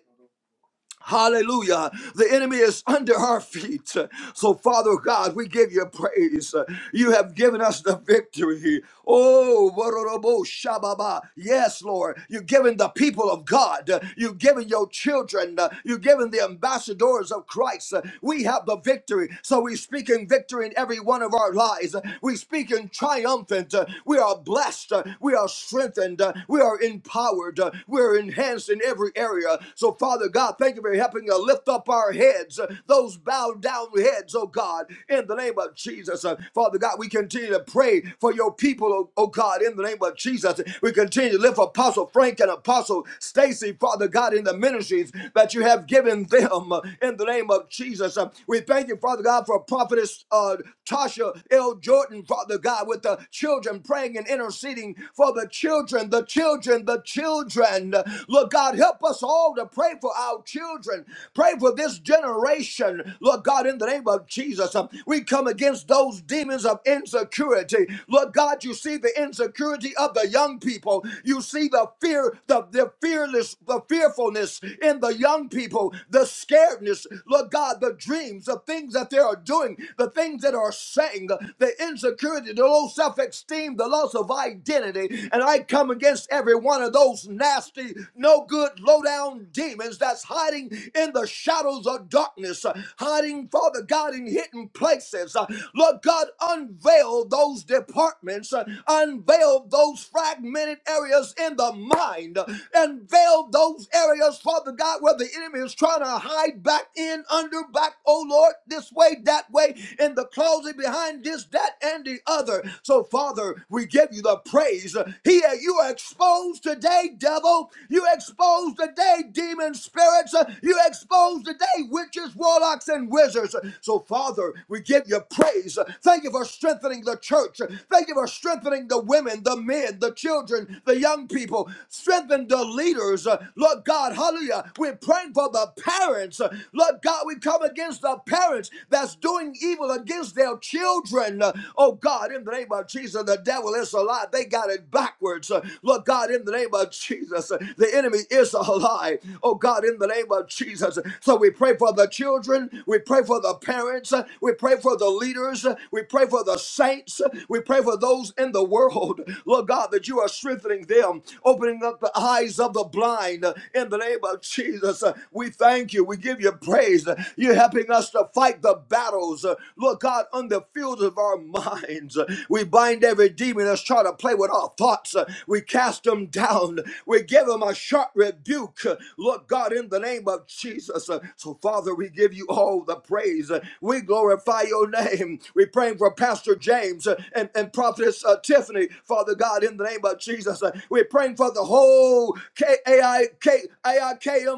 C: Hallelujah. The enemy is under our feet. So, Father God, we give you praise. You have given us the victory. Oh, Warorobo Shababa. Yes, Lord. You've given the people of God. You've given your children. You've given the ambassadors of Christ. We have the victory. So we speak in victory in every one of our lives. We speak in triumphant. We are blessed. We are strengthened. We are empowered. We are enhanced in every area. So, Father God, thank you for helping to lift up our heads, uh, those bowed down heads, oh God, in the name of Jesus. Uh, Father God, we continue to pray for your people, oh, oh God, in the name of Jesus. We continue to lift Apostle Frank and Apostle Stacy, Father God, in the ministries that you have given them uh, in the name of Jesus. Uh, we thank you, Father God, for Prophetess uh, Tasha L. Jordan, Father God, with the children praying and interceding for the children, the children, the children. Lord God, help us all to pray for our children children. Pray for this generation, Lord God, in the name of Jesus. Uh, We come against those demons of insecurity. Lord God, you see the insecurity of the young people. You see the fear, the, the fearless, the fearfulness in the young people, the scaredness, Lord God, the dreams, the things that they are doing, the things that are saying, the insecurity, the low self esteem, the loss of identity. And I come against every one of those nasty, no good, low down demons that's hiding hiding in the shadows of darkness, uh, hiding, Father God, in hidden places. Uh, Lord God, unveil those departments, uh, unveil those fragmented areas in the mind, uh, unveil those areas, Father God, where the enemy is trying to hide back in, under, back, oh Lord, this way, that way, in the closet, behind this, that, and the other. So, Father, we give you the praise. Here, you are exposed today, devil. You exposed today, demon spirits spirits. Uh, You expose today witches, warlocks, and wizards. So, Father, we give you praise. Thank you for strengthening the church. Thank you for strengthening the women, the men, the children, the young people. Strengthen the leaders. Uh, Lord God, hallelujah. We're praying for the parents. Uh, Lord God, we come against the parents that's doing evil against their children. Uh, Oh God, in the name of Jesus, the devil is a lie. They got it backwards. Uh, Lord God, in the name of Jesus, uh, the enemy is a lie. Oh God, in the name name of Jesus. So we pray for the children, we pray for the parents, we pray for the leaders, we pray for the saints, we pray for those in the world, Lord God, that you are strengthening them, opening up the eyes of the blind in the name of Jesus. We thank you, we give you praise. You're helping us to fight the battles, Lord God, on the fields of our minds. We bind every demon that's trying to play with our thoughts, we cast them down, we give them a sharp rebuke, Lord God, in the name the name of Jesus. Uh, So, Father, we give you all the praise. Uh, We glorify your name. We praying for Pastor James uh, and, and Prophetess uh, Tiffany, Father God, in the name of Jesus. Uh, We're praying for the whole KAIK,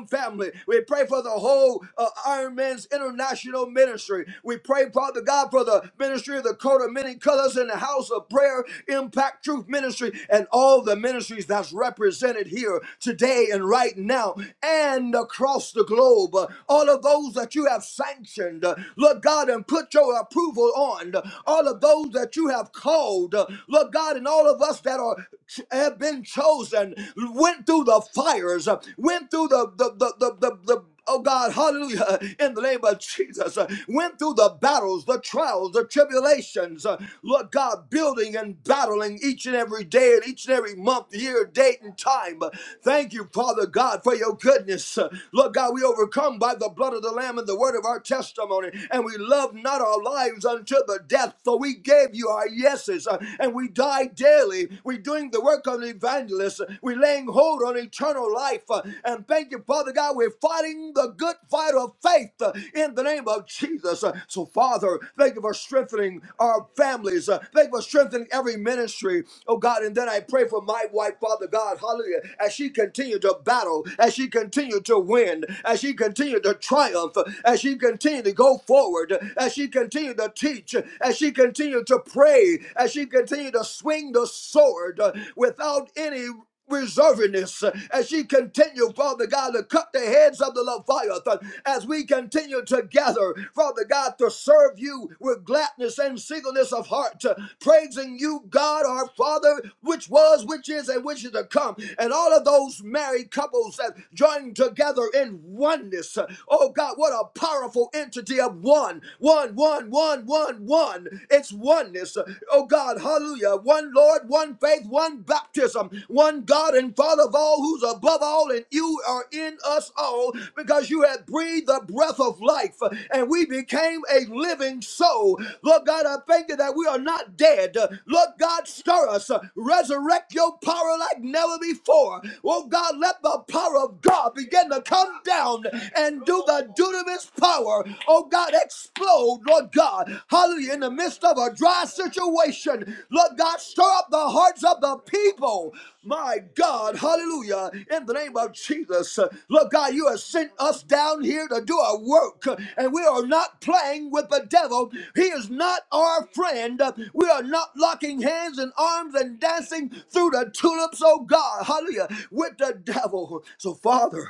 C: family. We pray for the whole uh, Iron Man's International Ministry. We pray, Father God, for the ministry of the coat of many colors in the house of prayer, impact truth ministry, and all the ministries that's represented here today and right now, and and across the globe, uh, all of those that you have sanctioned, uh, Lord God, and put your approval on, uh, all of those that you have called, uh, Lord God, and all of us that are have been chosen, went through the fires, uh, went through the the the the the, the oh God, hallelujah, in the name of Jesus, uh, went through the battles, the trials, the tribulations, uh, Lord God, building and battling each and every day and each and every month, year, date, and time. Uh, Thank you, Father God, for your goodness. Uh, Lord God, we overcome by the blood of the Lamb and the word of our testimony, and we love not our lives unto the death. So we gave you our yeses, uh, and we die daily. We're doing the work of the evangelist. We're laying hold on eternal life. Uh, And thank you, Father God, we're fighting the good fight of faith uh, in the name of Jesus. Uh, So, Father, thank you for strengthening our families. Uh, Thank you for strengthening every ministry, oh God. And then I pray for my wife, Father God, hallelujah, as she continued to battle, as she continued to win, as she continued to triumph, as she continued to go forward, as she continued to teach, as she continued to pray, as she continued to swing the sword uh, without any reservingness as she continue, Father God, to cut the heads of the Leviathan, as we continue together, Father God, to serve you with gladness and singleness of heart, uh, praising you, God, our Father, which was, which is, and which is to come. And all of those married couples that join together in oneness. uh, Oh God, what a powerful entity of one, one, one, one, one, one. It's oneness. uh, Oh God, hallelujah. One Lord, one faith, one baptism, one God and Father of all, who's above all, and you are in us all because you have breathed the breath of life and we became a living soul. Lord God, I thank you that we are not dead. Lord God, stir us, resurrect your power like never before. Oh God, let the power of God begin to come down and do the dunamis power. Oh God, explode, Lord God. Hallelujah. In the midst of a dry situation, Lord God, stir up the hearts of the people. My God, hallelujah. In the name of Jesus, Lord God, you have sent us down here to do our work, and we are not playing with the devil. He is not our friend. We are not locking hands and arms and dancing through the tulips, oh God, hallelujah, with the devil. So, Father,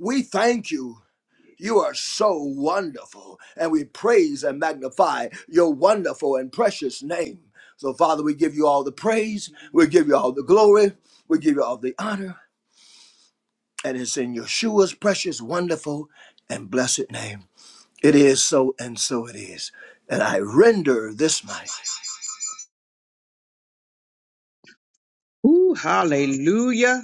C: we thank you. You are so wonderful, and we praise and magnify your wonderful and precious name. So, Father, we give you all the praise, we give you all the glory, we give you all the honor, and it's in Yeshua's precious, wonderful, and blessed name. It is so, and so it is. And I render this mic.
D: Ooh, hallelujah.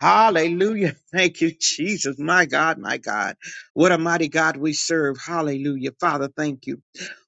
D: Hallelujah. Thank you, Jesus. My God, my God. What a mighty God we serve. Hallelujah. Father, thank you.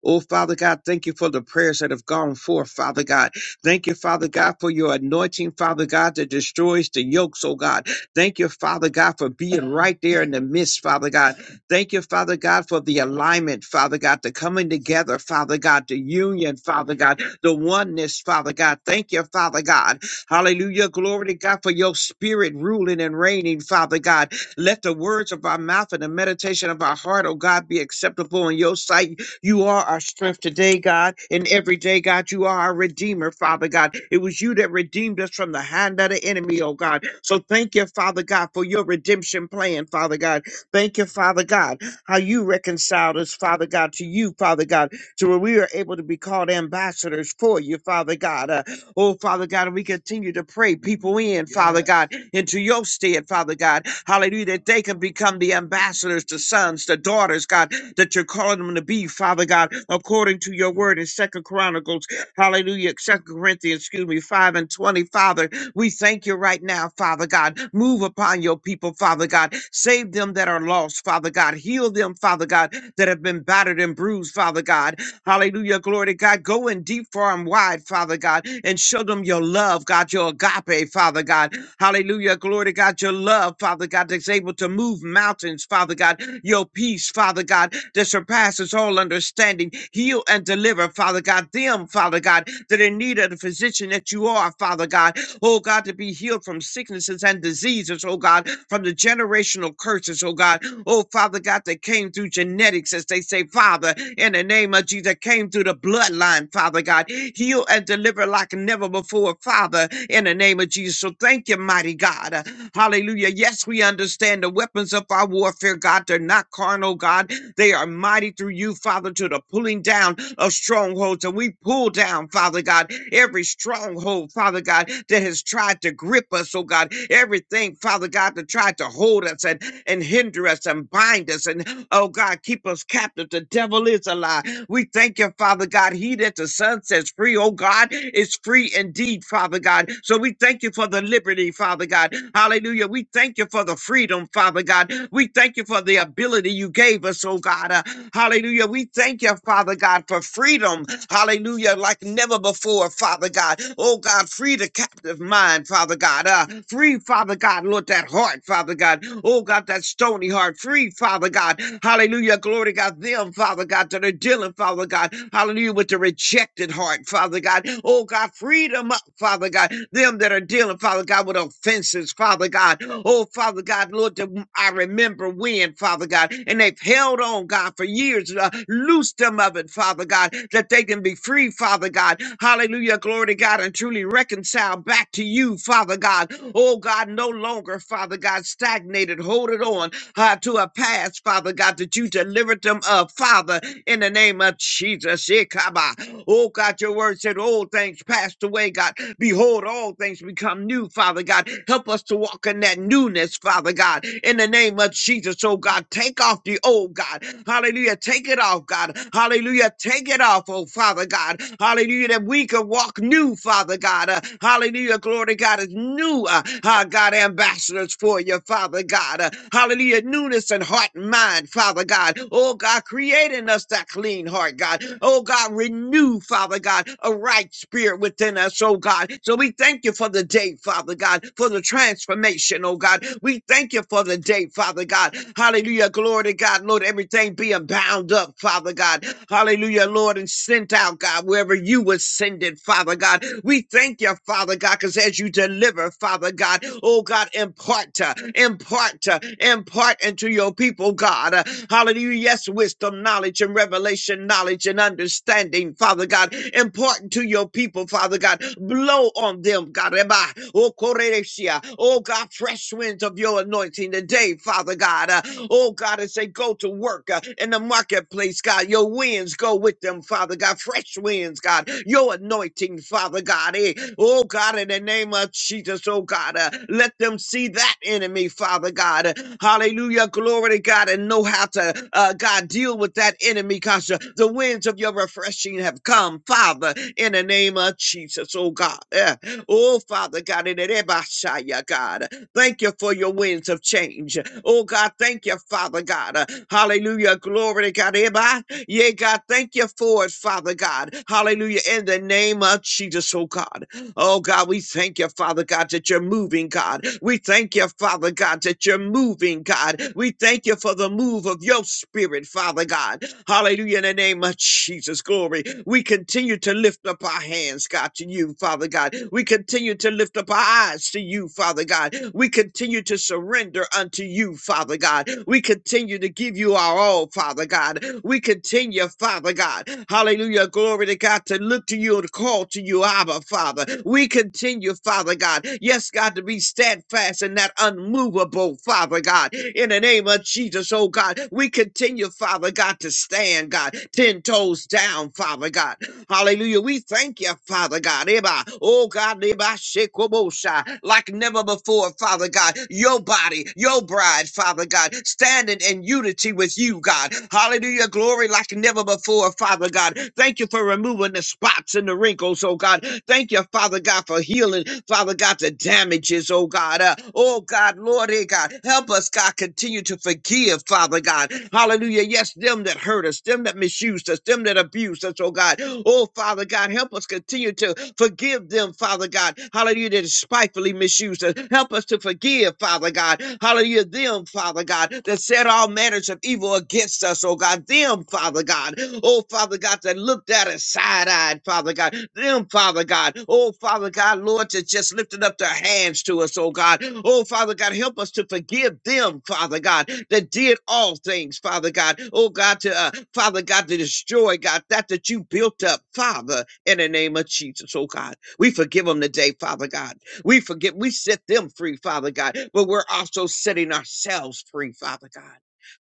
D: Oh, Father God, thank you for the prayers that have gone forth, Father God. Thank you, Father God, for your anointing, Father God, that destroys the yokes, oh God. Thank you, Father God, for being right there in the midst, Father God. Thank you, Father God, for the alignment, Father God, the coming together, Father God, the union, Father God, the oneness, Father God. Thank you, Father God. Hallelujah. Glory to God for your spirit ruling and reigning, Father God. Let the words of our mouth and the meditation of our heart, oh God, be acceptable in your sight. You are our strength today, God, and every day, God, you are our redeemer, Father God. It was you that redeemed us from the hand of the enemy, oh God. So thank you, Father God, for your redemption plan, Father God. Thank you, Father God, how you reconciled us, Father God, to you, Father God, to where we are able to be called ambassadors for you, Father God. Uh, Oh, Father God, and we continue to pray people in, Father God, into your stead, Father God. Hallelujah, that they can become the ambassadors, the sons, the daughters, God, that you're calling them to be, Father God, according to your word in Second Chronicles, hallelujah, Second Corinthians, excuse me, 5 and 20, Father. We thank you right now, Father God. Move upon your people, Father God. Save them that are lost, Father God. Heal them, Father God, that have been battered and bruised, Father God. Hallelujah. Glory to God. Go in deep, far, and wide, Father God, and show them your love, God, your agape, Father God. Hallelujah. Glory to God. Your love, Father God, that's able to move mountains, Father God. Your peace, Father God, that surpasses all understanding. Heal and deliver, Father God, them, Father God, that are in need of the physician that you are, Father God. Oh God, to be healed from sicknesses and diseases, oh God, from the generational curses, oh God. Oh Father God, that came came through genetics, as they say, Father, in the name of Jesus, came through the bloodline, Father God. Heal and deliver like never before, Father, in the name of Jesus. So thank you, mighty God. Uh, Hallelujah. Yes, we understand the weapons of our warfare, God. They're not carnal, God. They are mighty through you, Father, to the pulling down of strongholds. And we pull down, Father God, every stronghold, Father God, that has tried to grip us, oh God. Everything, Father God, that tried tried to hold us and, and hinder us and bind us and, oh God, keep us captive. The devil is a lie. We thank you, Father God. He that the Son sets free, oh God, is free indeed, Father God. So we thank you for the liberty, Father God. Hallelujah. We thank you for the freedom, Father God. We thank you for the ability you gave us, oh God. Uh, hallelujah. We thank you, Father God, for freedom. Hallelujah. Like never before, Father God. Oh God, free the captive mind mind, Father God. Uh, free, Father God, Lord, that heart, Father God. Oh, God, that stony heart. Free, Father God. Hallelujah. Glory to God. Them, Father God, that are dealing, Father God. Hallelujah. With the rejected heart, Father God. Oh, God, freedom up, Father God. Them that are dealing, Father God, with offenses, Father God. Oh, Father God, Lord, that w- I remember when, Father God, and they've held on, God, for years. Uh, loose them of it, Father God, that they can be free, Father God. God. Hallelujah. Glory to God and truly reconciled back to you, Father God. Oh God, no longer, Father God, stagnated, holding on uh, to a past, Father God, that you delivered them of, Father, in the name of Jesus. Ikaba. Oh God, your word said, old things passed away, God. Behold, all things become new, Father God. Help us to walk in that newness, Father God, in the name of Jesus. Oh God, take off the old, God. Hallelujah. Take it off, God. God. Hallelujah. Take it off, oh Father God. Hallelujah. That we can walk new, Father God. Uh, hallelujah. Glory to God is new. Uh, uh, God, ambassadors for you, Father God. Uh, hallelujah. Newness in heart and mind, Father God. Oh God, create in us that clean heart, God. Oh God, renew, Father God, a right spirit within us, oh God. So we thank you for the day, Father God, for the transformation, oh God. We thank you for the day, Father God. Hallelujah. Hallelujah. Glory to God. Lord, everything being bound up, Father God. Hallelujah, Lord, and sent out, God, wherever you were sending, Father God. We thank you, Father God, because as you deliver, Father God, oh God, impart, to, impart, to, impart into your people, God. Uh, Hallelujah. Yes, wisdom, knowledge, and revelation, knowledge, and understanding, Father God. Impart to your people, Father God. Blow on them, God. Eba, Oh, Koreresia. Oh, God, fresh winds of your anointing today, Father God. Uh, oh, God, and say, go to work uh, in the marketplace, God. Your winds go with them, Father God. Fresh winds, God. Your anointing, Father God. Eh? Oh, God, in the name of Jesus, oh, God, uh, let them see that enemy, Father God. Uh, Hallelujah. Glory to God and know how to, uh, God, deal with that enemy because uh, the winds of your refreshing have come, Father, in the name of Jesus, oh, God. Eh. Oh, Father God, in the name of Messiah, God. Thank you for your winds of change. Oh God, thank you, Father God. Uh, Hallelujah. Glory to God. Everybody. Yeah, God, thank you for it, Father God. Hallelujah. In the name of Jesus, oh God. Oh God, we thank you, Father God, that you're moving, God. We thank you, Father God, that you're moving, God. We thank you for the move of your spirit, Father God. Hallelujah. In the name of Jesus, glory. We continue to lift up our hands, God, to you, Father God. We continue to lift up our eyes to you, Father God. We continue to surrender unto you, Father God. We continue to give you our all, Father God. We continue, Father God. Hallelujah. Glory to God to look to you and call to you, Abba, Father. We continue, Father God. Yes, God, to be steadfast and in that unmovable, Father God. In the name of Jesus, oh God, we continue, Father God, to stand, God, 10 toes down, Father God. Hallelujah. We thank you, Father God. Eba, Oh God, eba shekobosha, like never before, Father God. Your body, your bride, Father God, standing in unity with you, God. Hallelujah. Glory like never before, Father God. Thank you for removing the spots spots and the wrinkles, oh God. Thank you, Father God, for healing, Father God, the damages, oh God. Uh, oh God, Lord, eh, God, help us, God, continue to forgive, Father God. Hallelujah. Yes, them that hurt us, them that misused us, them that abused us, oh God. Oh Father God, help us continue to forgive them, Father God. Hallelujah, that despitefully misused us. Help us to forgive, Father God. Hallelujah, them, Father God, that said all manner manners of evil against us, oh God. Them, Father God, oh Father God, that looked at us side eyed, Father God. Them, Father God, oh Father God, Lord, that just lifted up their hands to us, oh God. Oh Father God, help us to forgive them, Father God, that did all things, Father God. Oh God, to uh, Father God, to destroy, God, that that you built up, Father, in the name of Jesus, oh God. We forgive them today, Father God. We forgive, we set them free, Father God, but we're also setting ourselves free, Father God.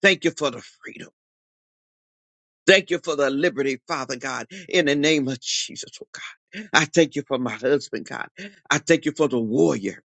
D: Thank you for the freedom. Thank you for the liberty, Father God, in the name of Jesus, oh God. I thank you for my husband, God. I thank you for the warrior.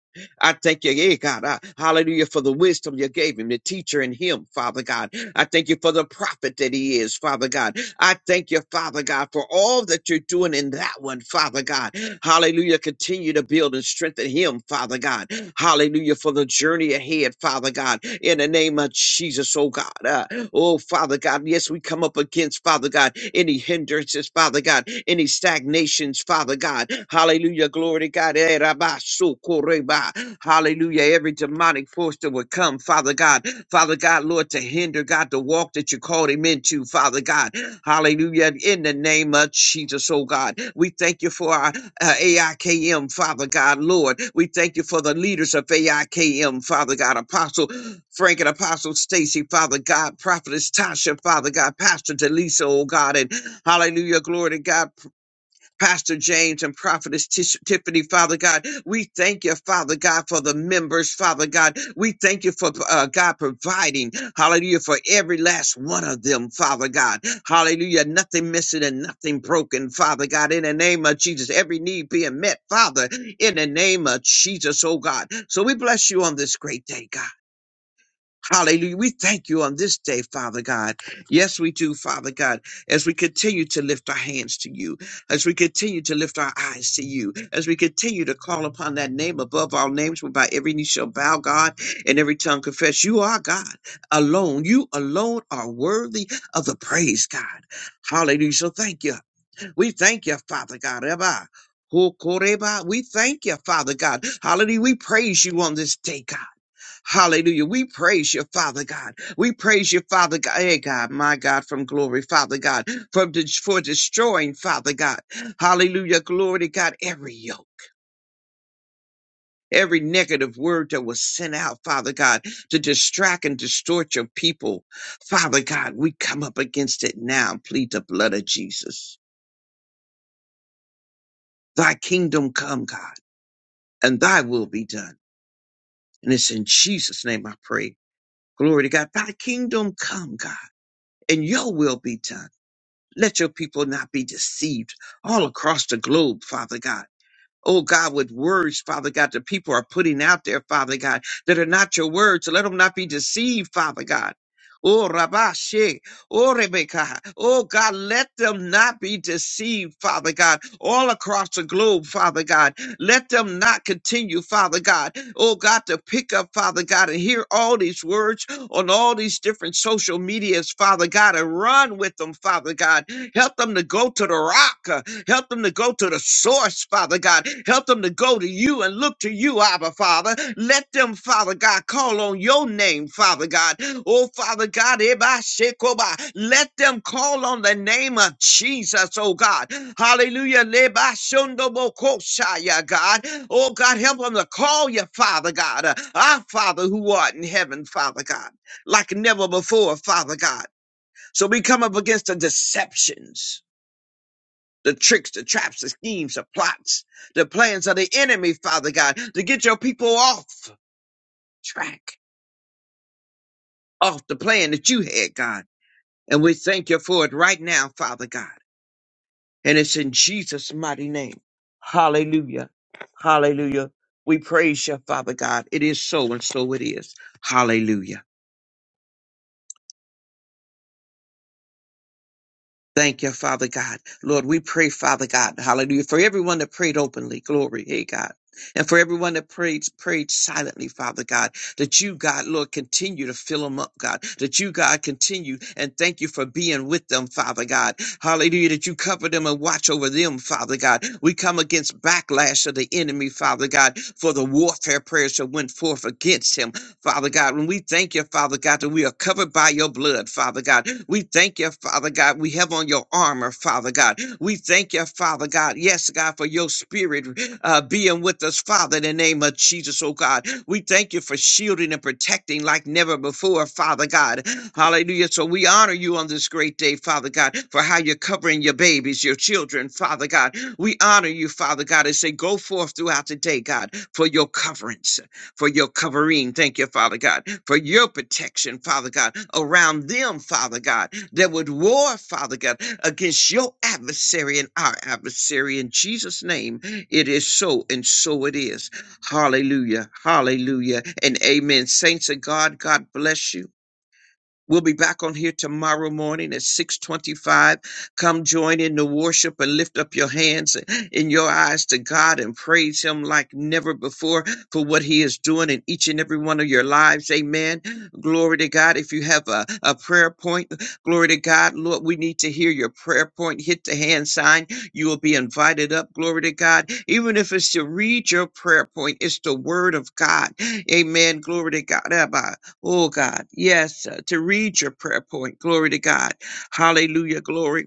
D: I thank you, yeah, God. I- hallelujah for the wisdom you gave him, the teacher in him, Father God. I thank you for the prophet that he is, Father God. I thank you, Father God, for all that you're doing in that one, Father God. Hallelujah. Continue to build and strengthen him, Father God. Hallelujah for the journey ahead, Father God. In the name of Jesus, oh God. Uh, Oh, Father God, yes, we come up against, Father God, any hindrances, Father God, any stagnations, Father God. Hallelujah. Glory to God. Eh, rabba, so, koreba. Hallelujah. Every demonic force that would come, Father God, Father God, Lord, to hinder, God, the walk that you called him into, Father God. Hallelujah. In the name of Jesus, oh God, we thank you for our uh, AIKM, Father God, Lord. We thank you for the leaders of AIKM, Father God, Apostle Frank and Apostle Stacy, Father God, Prophetess Tasha, Father God, Pastor Delisa, oh God, and hallelujah, glory to God, Pastor James and Prophetess Tish- Tiffany, Father God. We thank you, Father God, for the members, Father God. We thank you for uh, God providing, hallelujah, for every last one of them, Father God. Hallelujah, nothing missing and nothing broken, Father God, in the name of Jesus, every need being met, Father, in the name of Jesus, oh God. So we bless you on this great day, God. Hallelujah. We thank you on this day, Father God. Yes, we do, Father God, as we continue to lift our hands to you, as we continue to lift our eyes to you, as we continue to call upon that name above all names, whereby every knee shall bow, God, and every tongue confess you are God alone. You alone are worthy of the praise, God. Hallelujah. So thank you. We thank you, Father God. Rabbi. Hokoreba. We thank you, Father God. Hallelujah. We praise you on this day, God. Hallelujah. We praise you, Father God. We praise you, Father God. Hey, God, my God, from glory, Father God, from de- for destroying, Father God. Hallelujah. Glory to God, every yoke. Every negative word that was sent out, Father God, to distract and distort your people. Father God, we come up against it now and plead the blood of Jesus. Thy kingdom come, God, and thy will be done. And it's in Jesus' name I pray. Glory to God. Thy kingdom come, God, and your will be done Let your people not be deceived all across the globe, Father God. Oh God, with words, Father God, that people are putting out there, Father God, that are not your words. so Let them not be deceived, Father God. Oh Rabashe, oh Rebecca, oh God, let them not be deceived, Father God, all across the globe, Father God. Let them not continue, Father God, oh God, to pick up, Father God, and hear all these words on all these different social medias, Father God, and run with them, Father God. Help them to go to the rock. uh, Help them to go to the source, Father God. Help them to go to you and look to you, Abba, Father. Let them, Father God, call on your name, Father God. Oh, Father God, Eba Shekoba. let them call on the name of Jesus, oh God. Hallelujah. Leba Shundobo Koshaya, God. Oh, God, help them to call you, Father God. Uh, Our Father who art in heaven, Father God, like never before, Father God. So we come up against the deceptions the tricks, the traps, the schemes, the plots, the plans of the enemy, Father God, to get your people off track, off the plan that you had, God. And we thank you for it right now, Father God. And it's in Jesus' mighty name. Hallelujah. Hallelujah. We praise you, Father God. It is so and so it is. Hallelujah. Thank you, Father God. Lord, we pray, Father God, hallelujah, for everyone that prayed openly, glory, hey God. And for everyone that prayed, prayed silently, Father God, that you, God, Lord, continue to fill them up, God, that you, God, continue and thank you for being with them, Father God. Hallelujah, that you cover them and watch over them, Father God. We come against backlash of the enemy, Father God, for the warfare prayers that went forth against him. Father God. And we thank you, Father God, that we are covered by your blood, Father God. We thank you, Father God. We have on your armor, Father God. We thank you, Father God. Yes, God, for your spirit uh, being with us, Father, in the name of Jesus, oh God. We thank you for shielding and protecting like never before, Father God. Hallelujah. So we honor you on this great day, Father God, for how you're covering your babies, your children, Father God. We honor you, Father God, and say, go forth throughout the day, God, for your coverings for your covering. Thank you, Father God, for your protection, Father God, around them, Father God, that would war, Father God, against your adversary and our adversary. In Jesus' name, it is so, and so it is. Hallelujah. Hallelujah. And amen. Saints of God, God bless you. We'll be back on here tomorrow morning at 625. Come join in the worship and lift up your hands and your eyes to God and praise him like never before for what he is doing in each and every one of your lives. Amen. Glory to God. If you have a, a prayer point, glory to God. Lord, we need to hear your prayer point. Hit the hand sign. You will be invited up. Glory to God. Even if it's to read your prayer point, it's the word of God. Amen. Glory to God. Oh God, yes, uh, to read your prayer point. Glory to God. Hallelujah. Glory.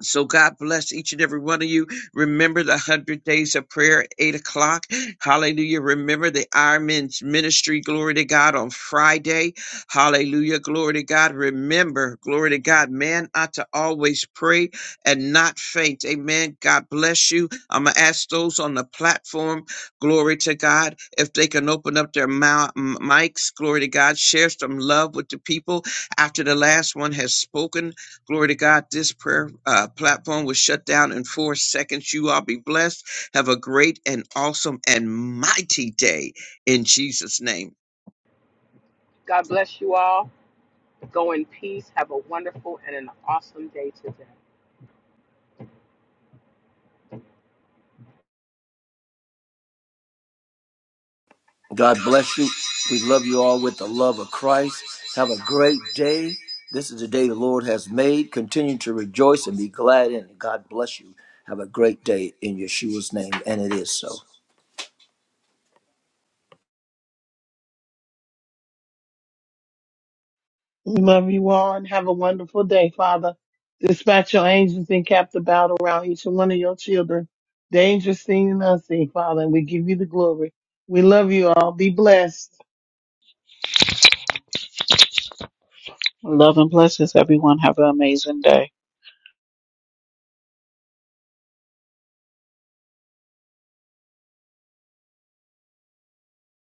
D: So God bless each and every one of you. Remember the hundred days of prayer at eight o'clock. Hallelujah. Remember the Iron Men's ministry. Glory to God on Friday. Hallelujah. Glory to God. Remember, glory to God. Man ought to always pray and not faint. Amen. God bless you. I'm gonna ask those on the platform. Glory to God. If they can open up their mou- m- mics. Glory to God. Share some love with the people after the last one has spoken. Glory to God. This prayer uh, platform was shut down in four seconds. You all be blessed. Have a great and awesome and mighty day in Jesus' name.
A: God bless you all. Go in peace. Have a wonderful and an awesome day today.
C: God bless you. We love you all with the love of Christ. Have a great day. This is the day the Lord has made. Continue to rejoice and be glad in it. God bless you. Have a great day in Yeshua's name. And it is so.
B: We love you all and have a wonderful day, Father. Dispatch your angels and cap the battle around each and one of your children. Dangerous seen and unseen, Father, and we give you the glory. We love you all. Be blessed.
E: Love and blessings, everyone. Have an amazing day.